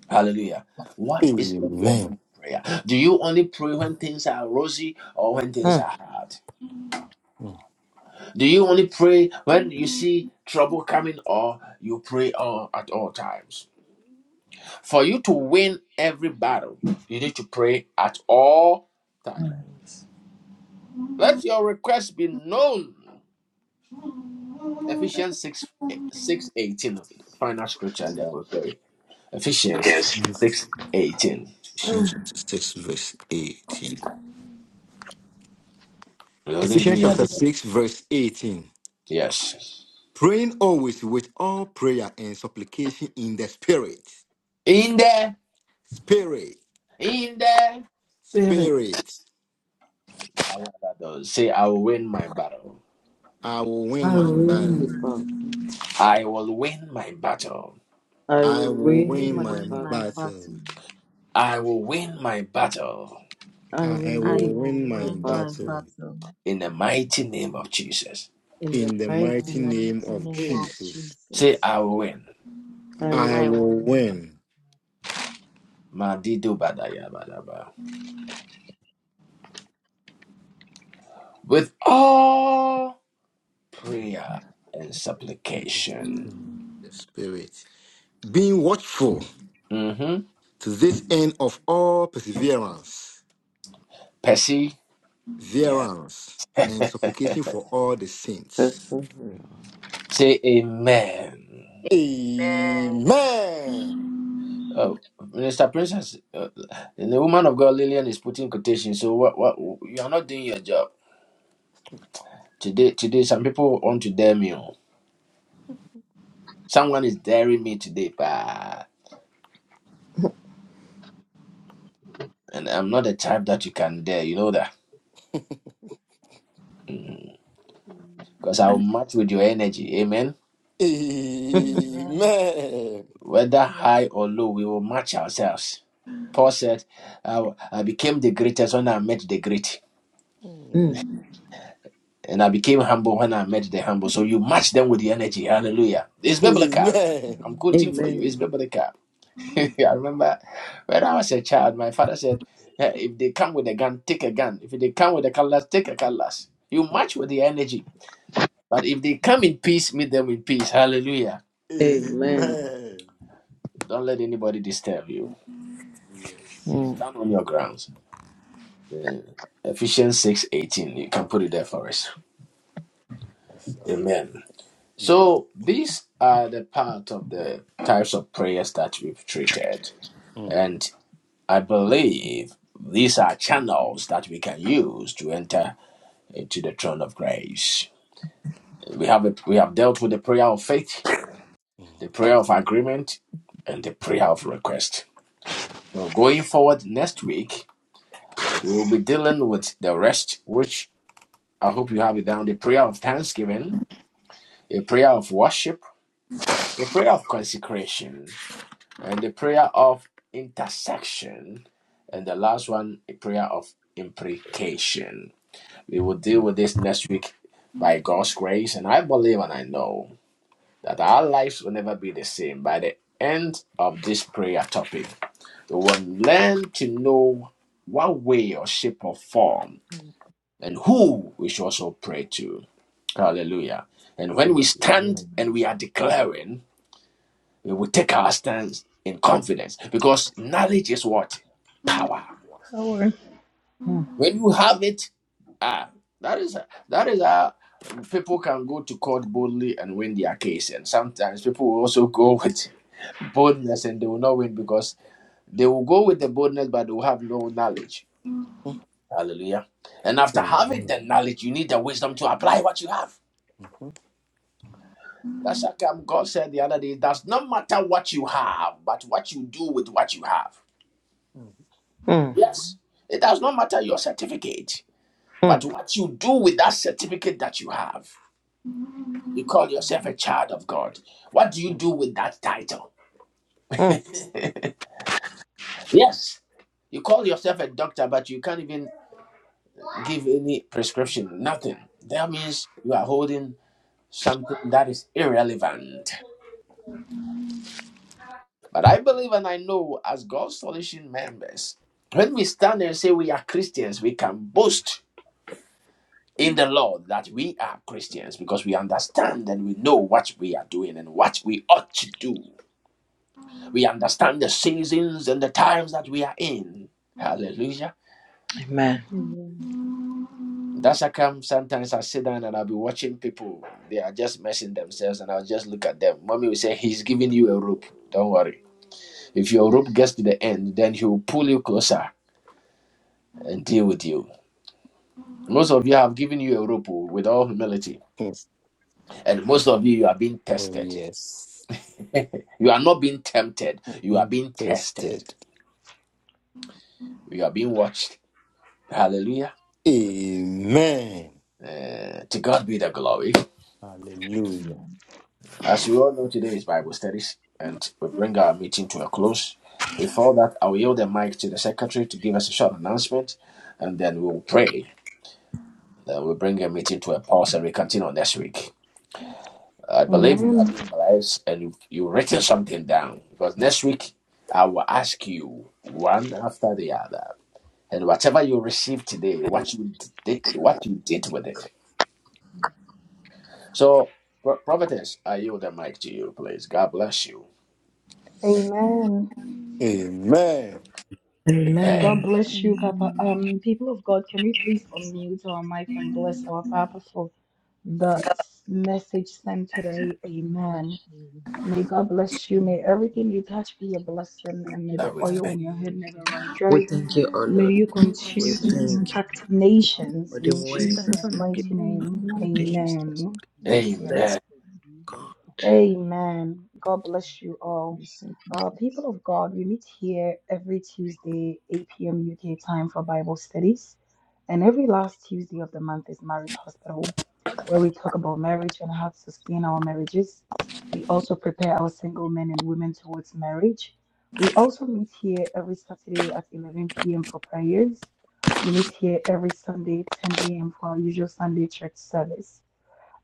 S1: Hallelujah. What is your form of
S3: Amen.
S1: prayer? Do you only pray when things are rosy or when things are hard?
S3: Mm.
S1: Do you only pray when you see trouble coming or you pray all, at all times? For you to win every battle, you need to pray at all times. Let your request be known. Ephesians 6 six eighteen. Okay, final scripture, and then we pray. Ephesians six eighteen.
S3: Ephesians chapter 6, verse 18. Ephesians chapter 6, verse 18.
S1: Yes.
S3: Praying always with all prayer and supplication in the Spirit.
S1: In the
S3: Spirit,
S1: In the
S5: Spirit,
S3: spirit,
S1: say, I will win my battle.
S3: I will win
S5: I
S13: I
S3: my
S13: will
S5: will
S13: win
S3: battle.
S5: my
S13: my
S5: battle.
S13: battle.
S1: I will win my battle.
S5: I
S3: I
S5: will
S3: will
S5: win
S3: win
S5: my
S13: You will
S3: my
S13: win
S5: battle.
S13: my battle.
S3: battle.
S1: I will win my battle
S5: I will
S3: I
S13: I
S5: win
S3: will
S13: will
S3: win
S5: my
S3: my
S13: win my
S3: battle.
S5: battle.
S13: battle
S1: in the mighty name of Jesus.
S5: In the
S3: In the
S13: in
S5: night
S13: the
S3: mighty
S5: and I
S3: name
S13: mighty
S3: of
S13: name
S5: will.
S13: of
S3: Jesus,
S1: Say,
S13: Jesus.
S1: I will win.
S5: I will
S3: I
S13: I
S5: be
S13: will
S3: will
S13: win.
S3: win.
S1: Madido badaya badaba. With all prayer and supplication.
S3: The spirit. Being watchful
S1: Mm-hmm.
S3: to this end of all perseverance,
S1: Percy, Yeah.
S3: verance, and supplication for all the saints.
S5: perfect.
S1: Say amen.
S3: Amen.
S1: Oh, Minister Princess, uh, the woman of God Lillian is putting quotation. So what? What you are not doing your job. Today, today, some people want to dare me. oh. Someone is daring me today, pa. And I'm not the type that you can dare. You know that. Because I will match with your energy. Amen.
S13: Amen.
S3: Amen.
S1: Whether high or low, we will match ourselves. Paul said, I, I became the greatest when I met the great.
S3: Mm.
S13: Amen.
S1: And I became humble when I met the humble. So you match them with the energy. Hallelujah. It's biblical.
S3: Amen.
S1: I'm quoting for you. It's
S5: Amen.
S1: biblical. I remember when I was a child, my father said, "Eh, if they come with a gun, take a gun. If they come with a cutlass, take a cutlass. You match with the energy. But if they come in peace, meet them in peace. Hallelujah.
S5: Amen.
S13: Amen.
S3: Amen.
S1: Don't let anybody disturb you.
S3: Yes.
S5: Mm,
S1: Stand on your grounds. Eh, Ephesians six eighteen. You can put it there for us.
S3: It's all right.
S1: Amen.
S3: Mm,
S1: So
S3: mm,
S1: these are the part of the types of prayers that we've treated.
S3: mm,
S1: And I believe these are channels that we can use to enter into the throne of grace. We have a, we have dealt with the prayer of faith, the prayer of agreement, and the prayer of request. So going forward next week, we will be dealing with the rest, which I hope you have it down: the prayer of thanksgiving, the prayer of worship, the prayer of consecration, and the prayer of intersection, and
S3: mm,
S1: the last one, a prayer of imprecation. We will deal with this next week by God's grace, and I believe and I know that our lives will never be the same by the end of this prayer topic. We will learn to know what way or shape or form
S2: Mhm.
S1: and who we should also pray to. Hallelujah. And
S3: mm.
S1: when we stand
S3: Amen. Mm,
S1: and we are declaring, we will take our stance in confidence because knowledge is what? Power.
S4: Power.
S1: When you have it, ah, that is that is how people can go to court boldly and win their case. And sometimes people will also go with boldness and they will not win because they will go with the boldness but they will have no knowledge. Hallelujah. And after having
S3: mm,
S1: the knowledge, you need the wisdom to apply what you have.
S3: mm,
S1: That's how come God said the other day, it does not matter what you have, but what you do with what you have.
S3: mm,
S5: mm,
S1: Yes, it does not matter your certificate, but
S5: mm,
S1: what you do with that certificate that you have. You call yourself a
S2: Mhm.
S1: child of God. What do you
S3: mm.
S1: do with that title?
S5: mm.
S1: Yes. You call yourself a doctor, but you can't even give any prescription, nothing. That means you are holding something that is irrelevant. But I believe and I know, as God's solution members, when we stand and say we are Christians, we can boast in the Lord that we are Christians because we understand and we know what we are doing and what we ought to do. We understand the seasons and the times that we are in. Hallelujah.
S5: Amen.
S13: Amen. Amen.
S1: That's how come sometimes I sit down and I'll be watching people. They are just messing themselves and I'll just look at them. Mommy will say, He's giving you a rope. Don't worry. If your rope gets to the end, then he will pull you closer and deal with you. Most of you have given you a rope oh, with all humility.
S3: Yes.
S1: And most of you, you are being
S3: Oh,
S1: tested.
S3: yes.
S1: You are not being tempted. You are being tested.
S3: Interested.
S1: You are being watched. Hallelujah.
S3: Amen.
S1: Eh, to God be the glory.
S3: Hallelujah.
S1: As you all know, today is Bible studies, and we bring our meeting to a close. Before that, I'll yield the mic to the secretary to give us a short announcement, and then we'll pray. Then we'll bring a meeting to a pause and we continue next week. I believe you have
S4: Amen.
S1: been blessed and you've, you've written something down because next week I will ask you one after the other. And whatever you received today, what you did, what you did with it.
S2: Mhm.
S1: So, Pro- Providence, I yield the mic to you, please. God bless you.
S4: Amen.
S3: Amen.
S4: God
S5: Amen.
S13: Amen.
S4: bless you, Papa.
S13: Amen.
S4: Um, people of God, can we please unmute our mic and bless our Papa for the s- message sent today?
S2: Bless
S4: Amen.
S2: you.
S4: May God bless you.
S13: Amen.
S4: May everything you touch be a
S2: God
S4: blessing,
S2: give
S4: and may
S2: you
S4: the
S1: Amen.
S2: grant
S4: oil on
S2: you
S4: your head never
S2: wisdom.
S4: run dry.
S5: We thank you, O
S4: May
S5: Lord.
S4: you
S2: May
S4: continue
S2: the
S4: to
S5: Thank you
S2: Almighty
S4: impact
S2: bless you
S5: for
S4: nations
S5: the
S2: you.
S4: in
S5: word.
S4: Jesus'
S6: Satan,
S5: Thank you.
S6: in
S4: mighty
S6: the
S4: name.
S6: name
S5: Thank
S6: of
S5: you
S6: Jesus.
S4: Amen.
S5: for
S2: Be
S5: the
S2: head of
S5: blessing,
S1: Amen.
S2: the family.
S5: God.
S2: Amen.
S4: Amen. God bless you all.
S13: You're so
S4: Uh,
S13: perfect.
S4: people of God, we meet here every Tuesday, 8 p.m. UK time for Bible studies. And every last Tuesday of the month is Marriage Hospital, where we talk about marriage and how to sustain our marriages. We also prepare our single men and women towards marriage. We also meet here every Saturday at 11 p.m. for prayers. We meet here every Sunday, 10 a.m., for our usual Sunday church service.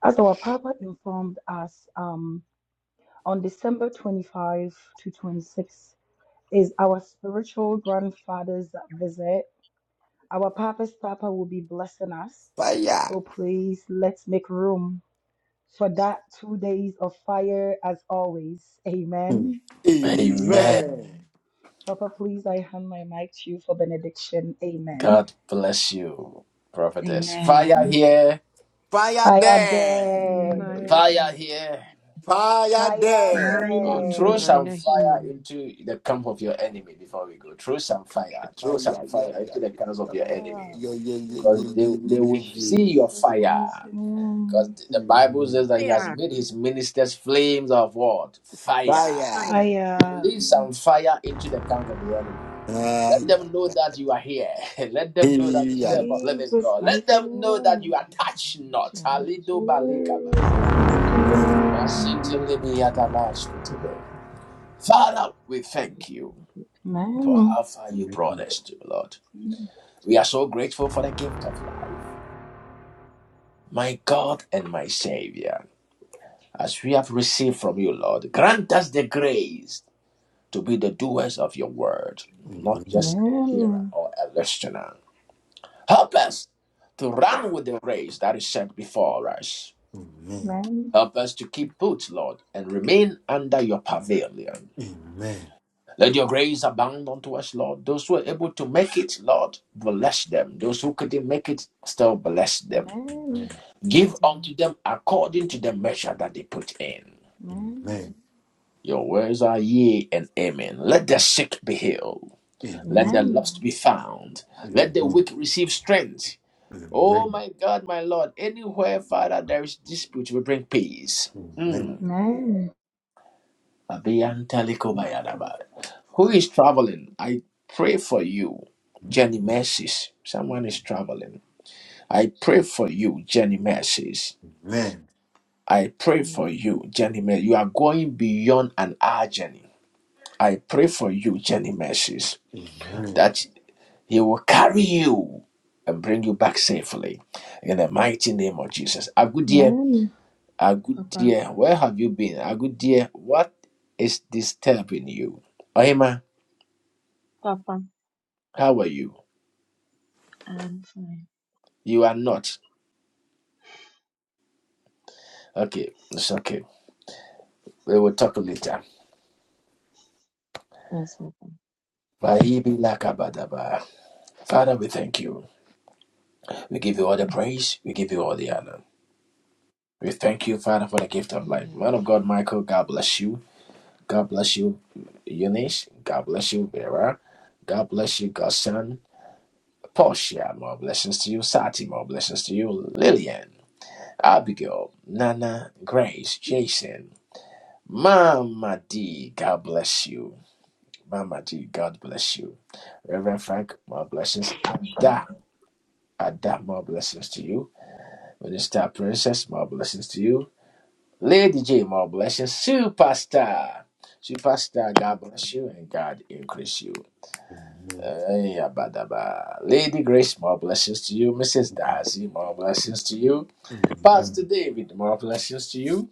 S4: As our Papa informed us, um, on December 25 to 26 is our spiritual grandfather's visit our Papa's Papa will be blessing us.
S3: Fire.
S4: So please let's make room for that two days of fire as always.
S3: Mm.
S4: Amen.
S1: Amen.
S3: Amen.
S13: Amen.
S4: Papa, please, I hand my mic to you for benediction. Amen.
S1: God bless you, prophetess. Fire
S4: Amen.
S1: here.
S3: Fire
S4: Fire
S3: there.
S13: Amen. Amen.
S4: day.
S13: and
S2: Fire,
S1: Fire
S2: God.
S1: here.
S3: Fire
S4: Fire
S3: there.
S1: Oh, throw
S4: day.
S13: death.
S1: some
S2: fire,
S1: fire
S2: healing.
S1: into the camp of your enemy before we go. Throw some fire. Throw
S3: Ay,
S1: some
S3: ay,
S1: fire
S3: ay,
S1: into
S3: ay,
S1: the
S3: ay, ay,
S1: camps of
S3: ay,
S1: your
S3: ay, ay,
S1: enemy.
S4: Oh,
S3: ay,
S1: Because
S3: ay, ay,
S1: they, they
S3: ay,
S1: will see
S3: ay.
S1: your
S4: Jesus, mighty
S1: fire. Because
S4: name.
S1: the Bible
S3: Mhm.
S1: says that he has
S7: Fire.
S1: made his ministers flames of what? Fire.
S3: Fire.
S4: Fire.
S1: Release some fire into the camps of the enemy. Let
S3: Ay,
S1: them know that you are here. Let them
S3: ay,
S1: know that you
S3: ay.
S1: serve a living
S4: Jesus,
S1: God. Let
S4: mighty
S1: them know that you
S4: name.
S1: are touched not.
S2: Amen.
S1: Alido balika
S4: Jesus.
S1: badaba.
S3: Amen.
S4: Amen.
S1: Masinti
S7: Amen.
S1: libi yadalash kutibe. Father, we thank you for how far you
S3: Amen.
S1: brought us to, Lord. We are so grateful for the gift of life. My God and my Savior, as we have received from you, Lord, grant us the grace. to be the doers of your word, not
S4: Amen.
S3: Amen.
S1: just a hearer
S4: Amen.
S1: or a listener. Help us to run with the race that is set before us.
S3: Amen.
S4: Amen.
S1: Help us to keep put, Lord, and remain under your pavilion.
S3: Amen. Amen.
S1: Let your grace abound unto us, Lord. Those who are able to make it, Lord, bless them. Those who couldn't make it, still bless
S4: Amen.
S1: them.
S3: Amen. Amen.
S1: Give
S13: Amen.
S1: unto them according to the measure that they put in. Your words are yea and amen. Let the sick be healed. Let the
S4: Amen.
S13: Amen.
S1: lost be found.
S3: Amen.
S1: Let the
S3: Amen.
S1: weak receive strength.
S3: Amen.
S1: Oh
S3: Amen.
S1: my God, my Lord, anywhere, Father, there is dispute, we bring peace. Mm.
S4: Amen.
S1: Who is traveling? I pray for you, Jenny Mercies. Someone is traveling. I pray for you, Jenny Mercies. I pray for
S2: Amen.
S1: you, Jenny Mercies. You are going beyond an hour journey. I pray for you, Jenny Mercies that He will carry you and bring you back safely in the mighty name of Jesus. Agudia,
S4: Amen.
S13: Papa,
S1: Agudia, where have you been? Agudia, what is disturbing you? Ohima,
S13: Papa,
S1: how are you?
S13: I am fine.
S1: You are not. Okay, it's okay. We will talk later.
S13: Yes, Papa.
S1: Bahibi lakabadaba. Father, we thank you. We give you all the praise. We give you all the honor. We thank you, Father, for the gift of life. Man of God, Michael, God bless you. God bless you, Eunice. God bless you, Vera. God bless you, Godson. Portia, more blessings to you. Sati, more blessings to you. Lillian, Abigail, Nana, Grace, Jason, Mama D, God bless you. Mama D, God bless you. Reverend Frank, more blessings. Ada, Ada, more blessings to you. Minister Princess, more blessings to you. Lady J, more blessings. Superstar, Superstar, God bless you and God increase you. Hey, abadaba. Lady Grace, more blessings to you. Mrs. Darcy, more blessings to you. Pastor David, more blessings to you.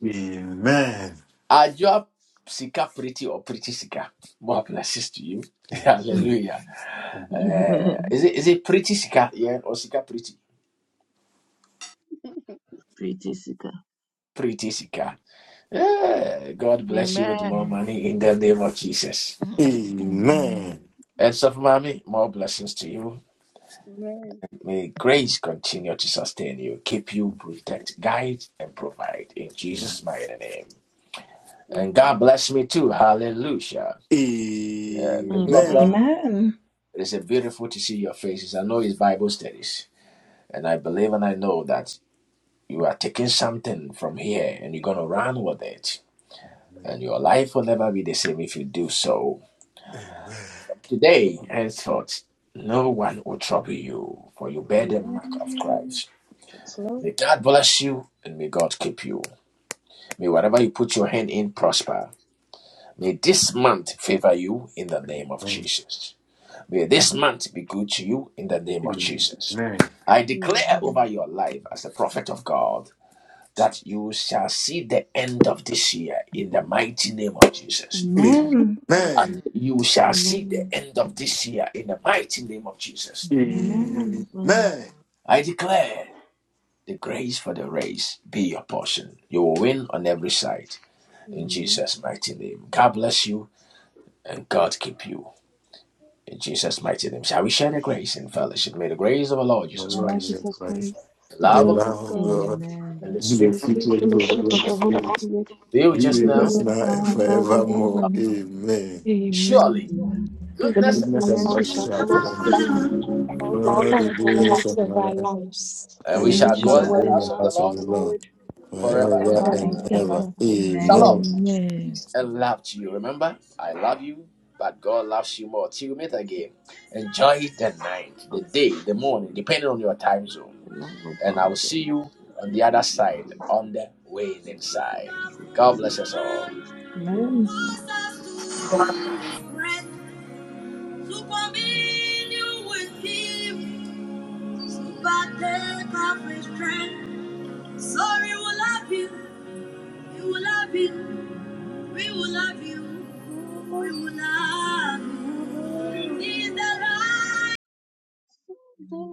S1: Ajua Sika Pretty or Pretty Sika, more blessings to you.
S13: Mm.
S1: Hallelujah.
S3: Amen.
S1: Eh,
S13: Amen.
S1: is it is it Pretty Sika? Yeah, or Sika Pretty?
S13: Pretty sick.
S1: Pretty Sika. Yeah. God bless you
S2: Amen.
S1: with more money in the name of Jesus.
S3: Amen.
S2: Amen.
S13: Amen.
S3: Amen. Amen.
S1: And so, mommy, more blessings to you.
S7: Amen.
S1: May grace continue to sustain you, keep you, protect, guide, and provide in
S3: Amen.
S1: Jesus' mighty name. And
S7: Amen.
S1: God bless me too. Hallelujah. Uh,
S3: Amen.
S1: people
S7: Amen.
S1: of God,
S13: Amen.
S3: Amen.
S4: Amen.
S1: it is a beautiful to see your faces. I know it's Bible studies, and I believe and I know that you are taking something from here and you're going to run with it. And your life will never be the same if you do so. From today henceforth, no one will trouble you, for you bear the mark of
S7: Amen.
S1: Christ.
S7: It's Lord.
S1: May God bless you and may God keep you. May whatever you put your hand in prosper. May this month favor you in the name of
S3: Amen.
S1: Jesus. May this month be good to you in the name of Jesus. I
S7: Amen.
S1: declare over
S13: Amen.
S1: your life as the prophet of God that you shall see the end of this year in the
S3: Amen.
S1: mighty name of Jesus.
S2: Amen.
S4: Amen.
S1: I
S3: Amen.
S1: say,
S7: Amen.
S1: You shall see
S13: Amen.
S1: the end of this year in the mighty name of Jesus.
S4: Amen.
S13: Amen.
S3: Amen.
S1: I declare the grace for the race be your portion. You will win on every side in Jesus' mighty name. God bless you. and God keep you. In Jesus' mighty name, shall we share the grace in fellowship? May the grace of our Lord
S3: My
S1: Jesus
S4: Our
S3: Lord
S4: Lord
S1: Christ,
S3: Jesus
S4: Jesus
S3: Christ,
S4: Christ,
S1: the
S4: the
S3: the
S1: love of
S4: love
S1: God,
S4: of
S3: love of
S4: God,
S7: Bless
S3: God,
S7: the
S1: and
S13: Amen.
S1: the
S7: Lord.
S4: and
S3: the
S1: sweet
S4: the sweet
S3: people
S1: fellowship
S7: Bless
S1: of the
S3: of
S1: Holy
S4: fellowship of the
S1: Spirit
S4: Holy
S3: God,
S4: Spirit
S1: be
S7: the
S3: be
S1: with
S7: Lord.
S1: us
S4: be
S3: with
S1: now.
S4: with
S3: us
S4: us
S3: now and
S4: now and
S3: forevermore.
S4: forevermore.
S3: Amen.
S7: Bless
S6: Amen.
S1: Surely,
S6: Prayer
S1: goodness and
S4: Goodness
S3: Goodness
S4: and
S3: and
S1: mercy
S6: of
S4: mercy
S3: mercy
S1: shall
S4: shall
S3: shall
S1: follow
S4: follow
S1: us,
S3: follow
S4: us
S3: us
S4: all the
S6: all
S3: all
S6: the
S4: days
S3: the
S4: of our
S3: days
S4: lives,
S6: days
S3: of my
S6: of our
S3: life,
S7: the
S6: lives.
S1: and
S7: And
S1: we
S7: we
S4: and
S3: and
S4: we
S1: shall
S7: should
S3: we
S4: shall
S1: dwell
S7: bless
S3: shall
S1: in
S4: dwell
S1: the
S4: in
S3: bring
S4: the
S1: house
S3: the
S1: of the
S4: house
S3: house of
S4: of
S7: the
S1: Lord
S4: the
S3: the
S7: Lord.
S3: Lord
S4: Lord
S1: forever and
S3: forever
S4: forever
S3: and
S1: ever.
S6: Amen.
S4: and
S3: ever.
S4: ever.
S1: Shalom,
S3: Amen.
S4: Amen.
S6: Amen.
S1: peace and
S2: Amen.
S1: love to you. Remember, I love you, but God loves you more. Till we meet again, enjoy the night, the
S13: Of
S1: day, the
S13: Jesus
S1: morning,
S13: Christ,
S1: depending on your time zone.
S13: the love of
S1: And I
S13: God
S1: will see
S13: and the
S1: you on the other
S13: participation of the
S1: side,
S13: Holy Spirit,
S1: on the
S13: the
S1: winning
S13: love of God,
S1: side.
S13: and the
S1: God
S13: participation
S1: bless
S13: of the
S1: us
S13: Holy
S1: all.
S13: Spirit, lead
S4: Amen.
S13: us now and forevermore. Amen.
S1: Sorry, we will love you. We will love you. We will love you. We will love you. He's
S13: Amen.
S1: the light
S13: Amen.